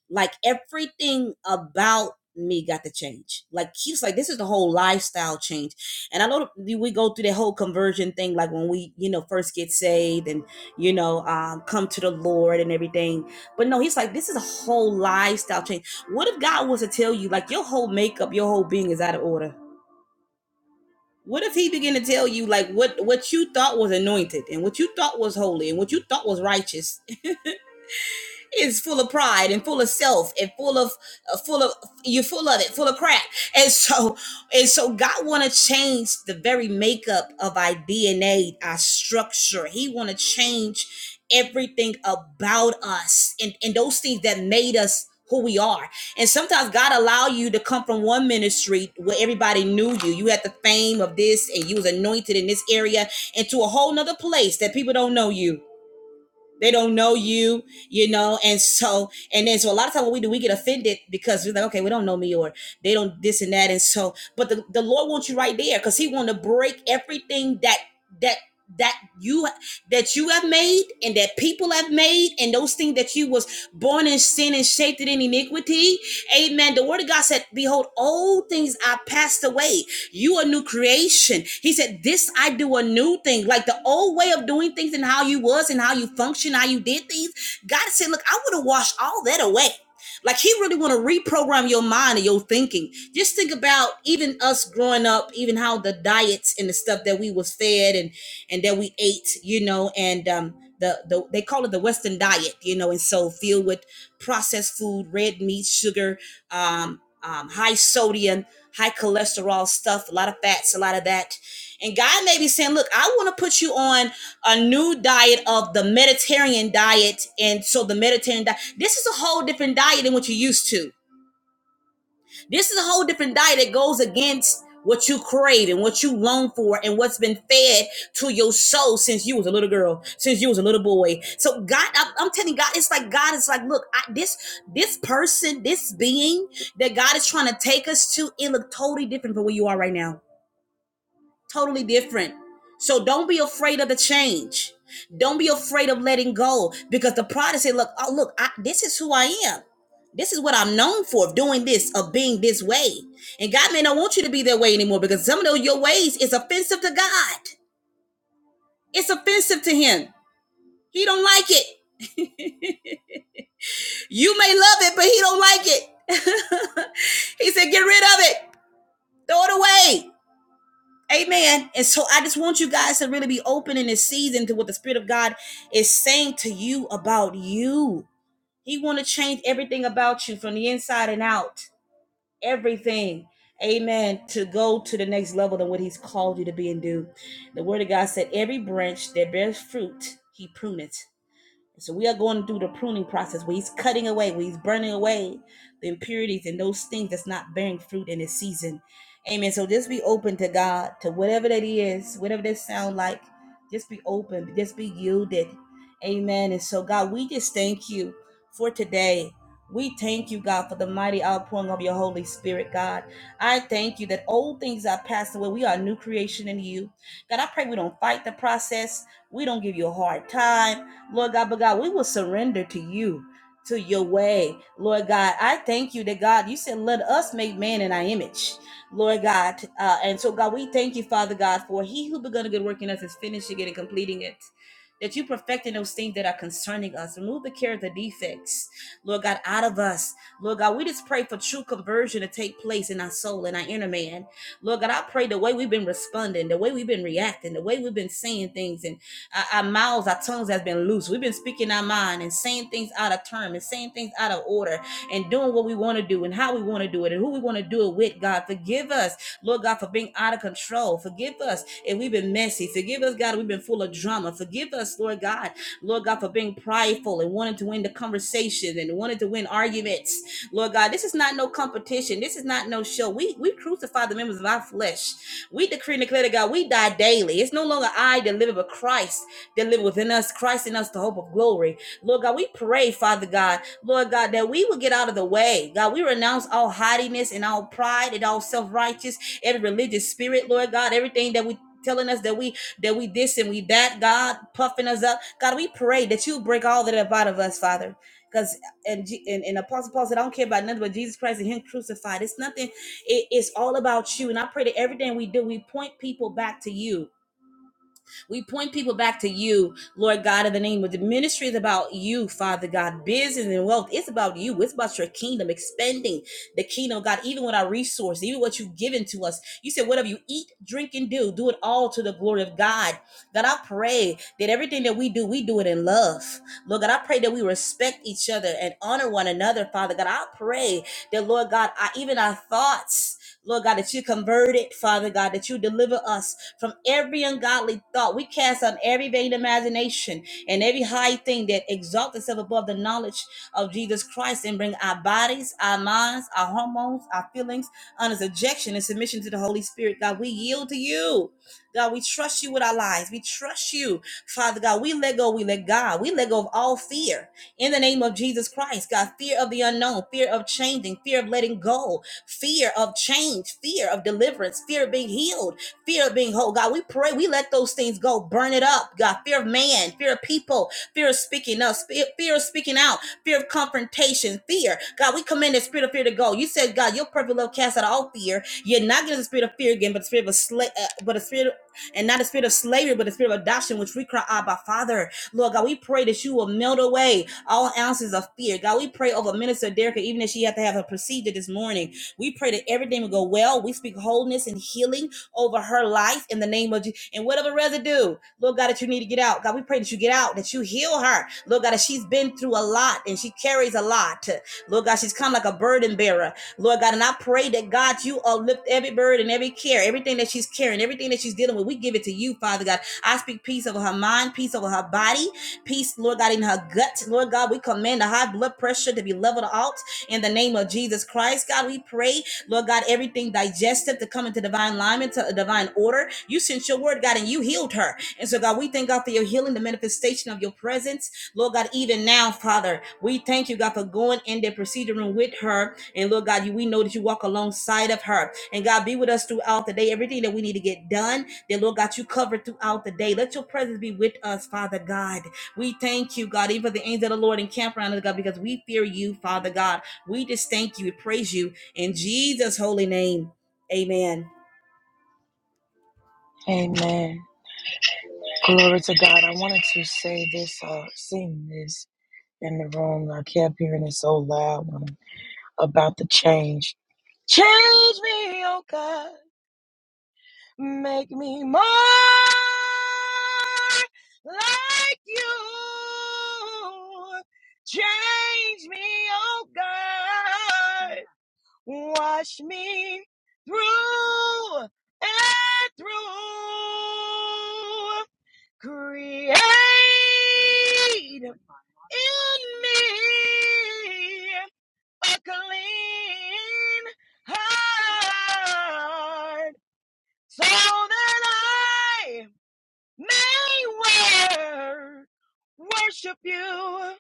Speaker 2: like everything about me got to change. Like he's like, this is the whole lifestyle change. And I know we go through the whole conversion thing, like when we, you know, first get saved and, you know, um, come to the Lord and everything. But no, he's like, this is a whole lifestyle change. What if God was to tell you, like, your whole makeup, your whole being is out of order? What if he began to tell you, like, what what you thought was anointed and what you thought was holy and what you thought was righteous is full of pride and full of self and full of uh, full of you're full of it full of crap and so and so god want to change the very makeup of our dna our structure he want to change everything about us and and those things that made us who we are and sometimes god allow you to come from one ministry where everybody knew you you had the fame of this and you was anointed in this area into a whole nother place that people don't know you they don't know you, you know, and so and then so a lot of times what we do, we get offended because we're like, okay, we don't know me or they don't this and that, and so. But the, the Lord wants you right there because He want to break everything that that that you that you have made and that people have made and those things that you was born in sin and shaped it in iniquity amen the word of god said behold all things are passed away you a new creation. He said, This I do a new thing. Like the old way of doing things and how you was and how you function, how you did things. God said, Look, I want to wash all that away. Like he really want to reprogram your mind and your thinking. Just think about even us growing up, even how the diets and the stuff that we was fed and and that we ate, you know, and um the, the they call it the Western diet, you know, and so filled with processed food, red meat, sugar, um, um, high sodium, high cholesterol stuff, a lot of fats, a lot of that. And God may be saying, Look, I want to put you on a new diet of the Mediterranean diet. And so the Mediterranean diet, this is a whole different diet than what you're used to this is a whole different diet that goes against what you crave and what you long for and what's been fed to your soul since you was a little girl, since you was a little boy. So God, I'm, I'm telling you, God, it's like God is like, look, I, this this person, this being that God is trying to take us to, it look totally different from where you are right now totally different. So don't be afraid of the change. Don't be afraid of letting go because the pride said, "Look, oh, look, I, this is who I am. This is what I'm known for of doing this, of being this way." And God may not want you to be that way anymore because some of your ways is offensive to God. It's offensive to Him. He don't like it. You may love it, but He don't like it. he said, "Get rid of it. Throw it away." Amen. And so I just want you guys to really be open in this season to what the Spirit of God is saying to you about you. He want to change everything about you from the inside and out. Everything. Amen. To go to the next level than what he's called you to be and do. The word of God said, every branch that bears fruit, he pruneth so we are going through the pruning process where he's cutting away, where he's burning away the impurities and those things that's not bearing fruit in this season. Amen. So just be open to God, to whatever that is, whatever that sound like. Just be open. Just be yielded. Amen. And so, God, we just thank you for today. We thank you, God, for the mighty outpouring of your Holy Spirit, God. I thank you that old things are passed away. We are a new creation in you. God, I pray we don't fight the process. We don't give you a hard time. Lord God, but God, we will surrender to you, to your way. Lord God, I thank you that God, you said, let us make man in our image. Lord God, uh, and so God, we thank you, Father God, for he who begun a good work in us is finishing it and completing it. That you perfecting those things that are concerning us. Remove the character defects, Lord God, out of us. Lord God, we just pray for true conversion to take place in our soul and our inner man. Lord God, I pray the way we've been responding, the way we've been reacting, the way we've been saying things, and our, our mouths, our tongues has been loose. We've been speaking our mind and saying things out of term and saying things out of order and doing what we want to do and how we want to do it and who we want to do it with, God. Forgive us, Lord God, for being out of control. Forgive us if we've been messy. Forgive us, God, if we've been full of drama. Forgive us, Lord God, Lord God, for being prideful and wanting to win the conversation and wanting to win arguments. Lord God, this is not no competition. This is not no show. We we crucify the members of our flesh. We decree and declare to God, we die daily. It's no longer I that live, but Christ that live within us, Christ in us, the hope of glory. Lord God, we pray, Father God, Lord God, that we will get out of the way. God, we renounce all haughtiness and all pride and all self-righteous, every religious spirit, Lord God, everything that we telling us that we that we this and we that god puffing us up god we pray that you break all that up out of us father because and, and and Apostle Paul said, I don't care about nothing but Jesus Christ and Him crucified. It's nothing. It, it's all about you. And I pray that everything we do, we point people back to you. We point people back to you, Lord God, in the name of the ministry is about you, Father God. Business and wealth, it's about you. It's about your kingdom, expanding the kingdom of God, even with our resources, even what you've given to us. You said, whatever you eat, drink, and do, do it all to the glory of God. God, I pray that everything that we do, we do it in love. Lord God, I pray that we respect each other and honor one another, Father God. I pray that, Lord God, I, even our thoughts, Lord God, that you convert it, Father God, that you deliver us from every ungodly thought. We cast on every vain imagination and every high thing that exalts itself above the knowledge of Jesus Christ and bring our bodies, our minds, our hormones, our feelings under subjection and submission to the Holy Spirit. God, we yield to you. God, we trust you with our lives. We trust you, Father God. We let go. We let God. We let go of all fear in the name of Jesus Christ. God, fear of the unknown, fear of changing, fear of letting go, fear of change, fear of deliverance, fear of being healed fear of being whole. God, we pray, we let those things go, burn it up. God, fear of man, fear of people, fear of speaking up, fear of speaking out, fear of confrontation, fear. God, we command the spirit of fear to go. You said, God, your perfect love casts out all fear. You're not getting the spirit of fear again, but the spirit of a sla- uh, but a spirit of, and not the spirit of slavery, but the spirit of adoption, which we cry, Abba, Father. Lord God, we pray that you will melt away all ounces of fear. God, we pray over Minister Derrick, even if she had to have a procedure this morning. We pray that everything will go well. We speak wholeness and healing over her life in the name of Jesus. And whatever residue, Lord God, that you need to get out. God, we pray that you get out, that you heal her. Lord God, that she's been through a lot and she carries a lot. Lord God, she's kind of like a burden bearer. Lord God, and I pray that God, you uplift every burden, every care, everything that she's carrying, everything that she's dealing with. We give it to you, Father God. I speak peace over her mind, peace over her body, peace, Lord God, in her gut. Lord God, we command the high blood pressure to be leveled out in the name of Jesus Christ. God, we pray Lord God, everything digestive to come into divine alignment, to a divine order. You sent your word, God, and you healed her. And so, God, we thank God for your healing, the manifestation of your presence. Lord God, even now, Father, we thank you, God, for going in the procedure room with her. And Lord God, you, we know that you walk alongside of her. And God, be with us throughout the day. Everything that we need to get done, that Lord God, you cover throughout the day. Let your presence be with us, Father God. We thank you, God, even for the angels of the Lord encamp around us, God, because we fear you, Father God. We just thank you. We praise you. In Jesus' holy name, amen.
Speaker 1: Amen. Glory to God. I wanted to say this, uh, seeing this in the room, I kept hearing it so loud um, about the change. Change me, oh God. Make me more like you. Change me, oh God. Wash me through and through. Create in me a clean heart so that I may wor- worship you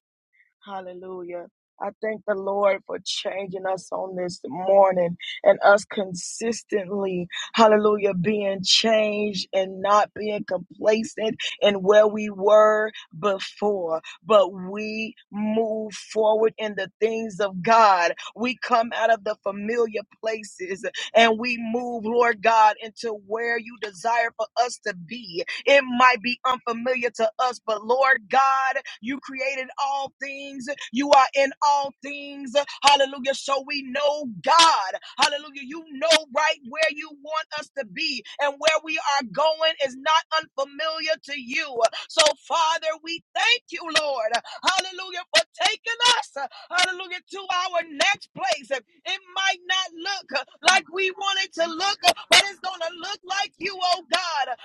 Speaker 1: Hallelujah. I thank the Lord for changing us on this morning and us consistently, hallelujah, being changed and not being complacent in where we were before. But we move forward in the things of God. We come out of the familiar places and we move, Lord God, into where you desire for us to be. It might be unfamiliar to us, but Lord God, you created all things. You are in all things. Hallelujah. So we know God. Hallelujah. You know right where you want us to be and where we are going is not unfamiliar to you. So, Father, we thank you, Lord. Hallelujah. For taking us, hallelujah, to our next place. It might not look like we want it to look, but it's going to look like you, oh God.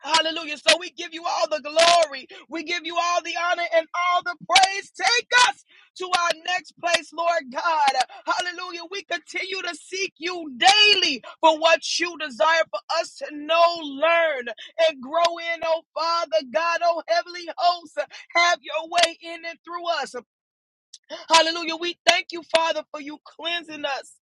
Speaker 1: Hallelujah. So we give you all the glory. We give you all the honor and all the praise. Take us to our next place, Lord God. Hallelujah. We continue to seek you daily for what you desire for us to know, learn, and grow in, oh Father God, oh Heavenly Host. Have your way in and through us. Hallelujah. We thank you, Father, for you cleansing us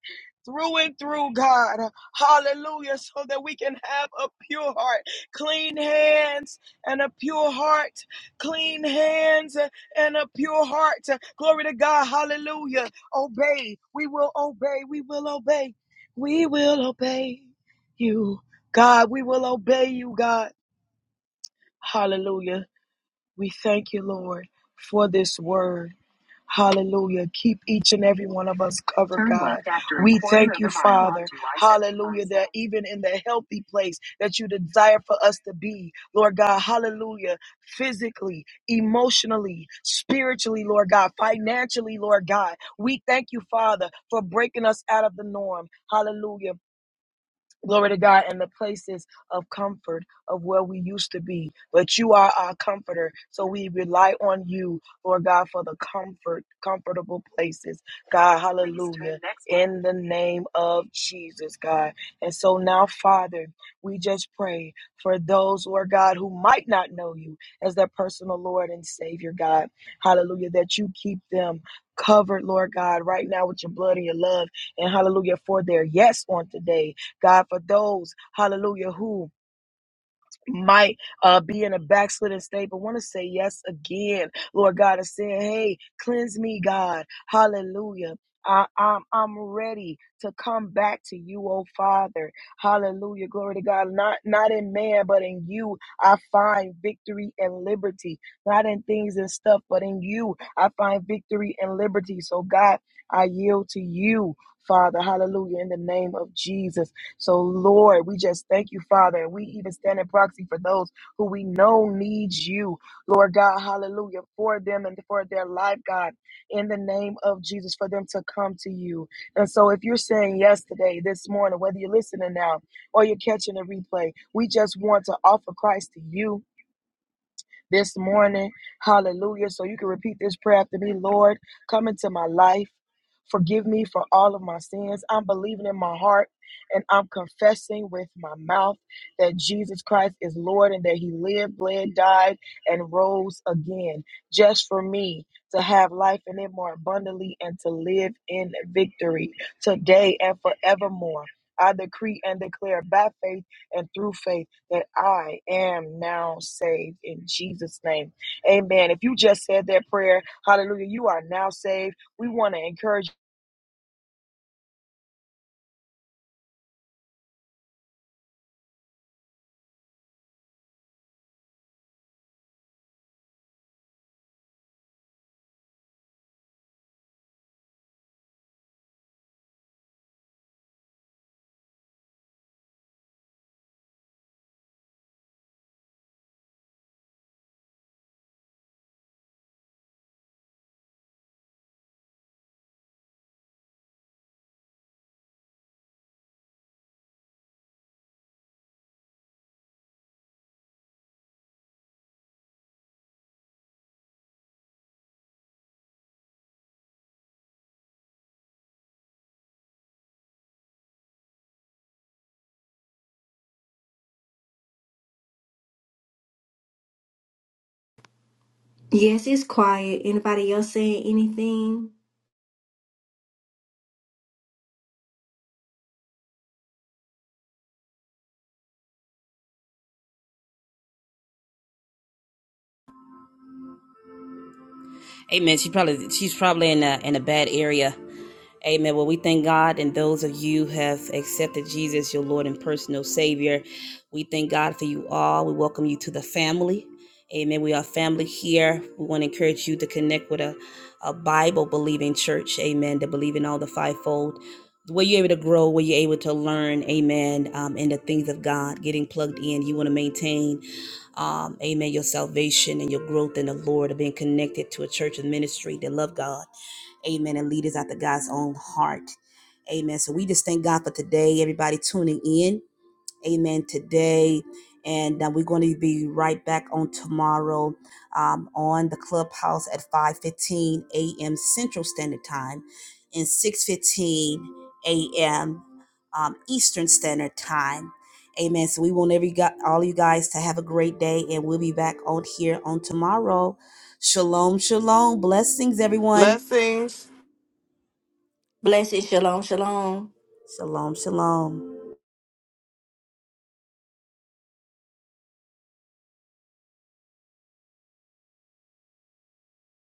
Speaker 1: through and through, God. Hallelujah. So that we can have a pure heart, clean hands and a pure heart, clean hands and a pure heart. Glory to God. Hallelujah. Obey. We will obey. We will obey. We will obey you, God. We will obey you, God. Hallelujah. We thank you, Lord, for this word. Hallelujah. Keep each and every one of us covered, God. We thank Hallelujah, that even in the healthy place that you desire for us to be, Lord God, hallelujah, physically, emotionally, spiritually, Lord God, financially, Lord God, we thank you, Father, for breaking us out of the norm. Hallelujah. Glory to God in the places of comfort of where we used to be. But you are our comforter. So we rely on you, Lord God, for the comfort, comfortable places. God, hallelujah in the name of Jesus, God. And so now, Father, we just pray for those, Lord God, who might not know you as their personal Lord and Savior, God. Hallelujah, that you keep them covered, Lord God, right now with your blood and your love. And hallelujah, for their yes on today, God, for those, hallelujah, who might uh, be in a backslidden state, but want to say yes again, Lord God, and saying, "Hey, cleanse me, God, Hallelujah." I, I'm I'm ready to come back to you, oh Father, Hallelujah, glory to God. Not not in man, but in you I find victory and liberty. Not in things and stuff, but in you I find victory and liberty. So God, I yield to you, Father, Hallelujah, in the name of Jesus. So, Lord, we just thank you, Father. And we even stand in proxy for those who we know needs you, Lord God. Hallelujah. For them and for their life, God, in the name of Jesus, for them to come to you. And so, if you're saying yes today, this morning, whether you're listening now or you're catching a replay, we just want to offer Christ to you this morning. Hallelujah. So you can repeat this prayer after me. Lord, come into my life. Forgive me for all of my sins. I'm believing in my heart and I'm confessing with my mouth that Jesus Christ is Lord and that he lived, bled, died, and rose again just for me to have life in it more abundantly and to live in victory today and forevermore. I decree and declare by faith and through faith that I am now saved in Jesus' name. Amen. If you just said that prayer, hallelujah, you are now saved. We want to encourage.
Speaker 4: Yes, it's quiet. Anybody else saying anything?
Speaker 2: Amen. She probably she's probably in a in a bad area. Amen. Well, we thank God and those of you who have accepted Jesus, your Lord and personal Savior. We thank God for you all. We welcome you to the family. Amen. We are family here. We want to encourage you to connect with a, a Bible believing church. Amen. To believe in all the fivefold. Where you're able to grow, where you're able to learn, amen, um, in the things of God, getting plugged in. You want to maintain um, amen, your salvation and your growth in the Lord of being connected to a church and ministry that love God, amen, and leaders after God's own heart. Amen. So we just thank God for today, everybody tuning in amen, today. And uh, we're going to be right back on tomorrow um, on the clubhouse at 5.15 a.m. Central Standard Time and 6.15 a.m. Um, Eastern Standard Time. Amen. So we want every got all you guys to have a great day, and we'll be back on here on tomorrow. Shalom, shalom. Blessings, everyone.
Speaker 8: blessings
Speaker 4: Blessed, shalom, shalom.
Speaker 2: Shalom, shalom.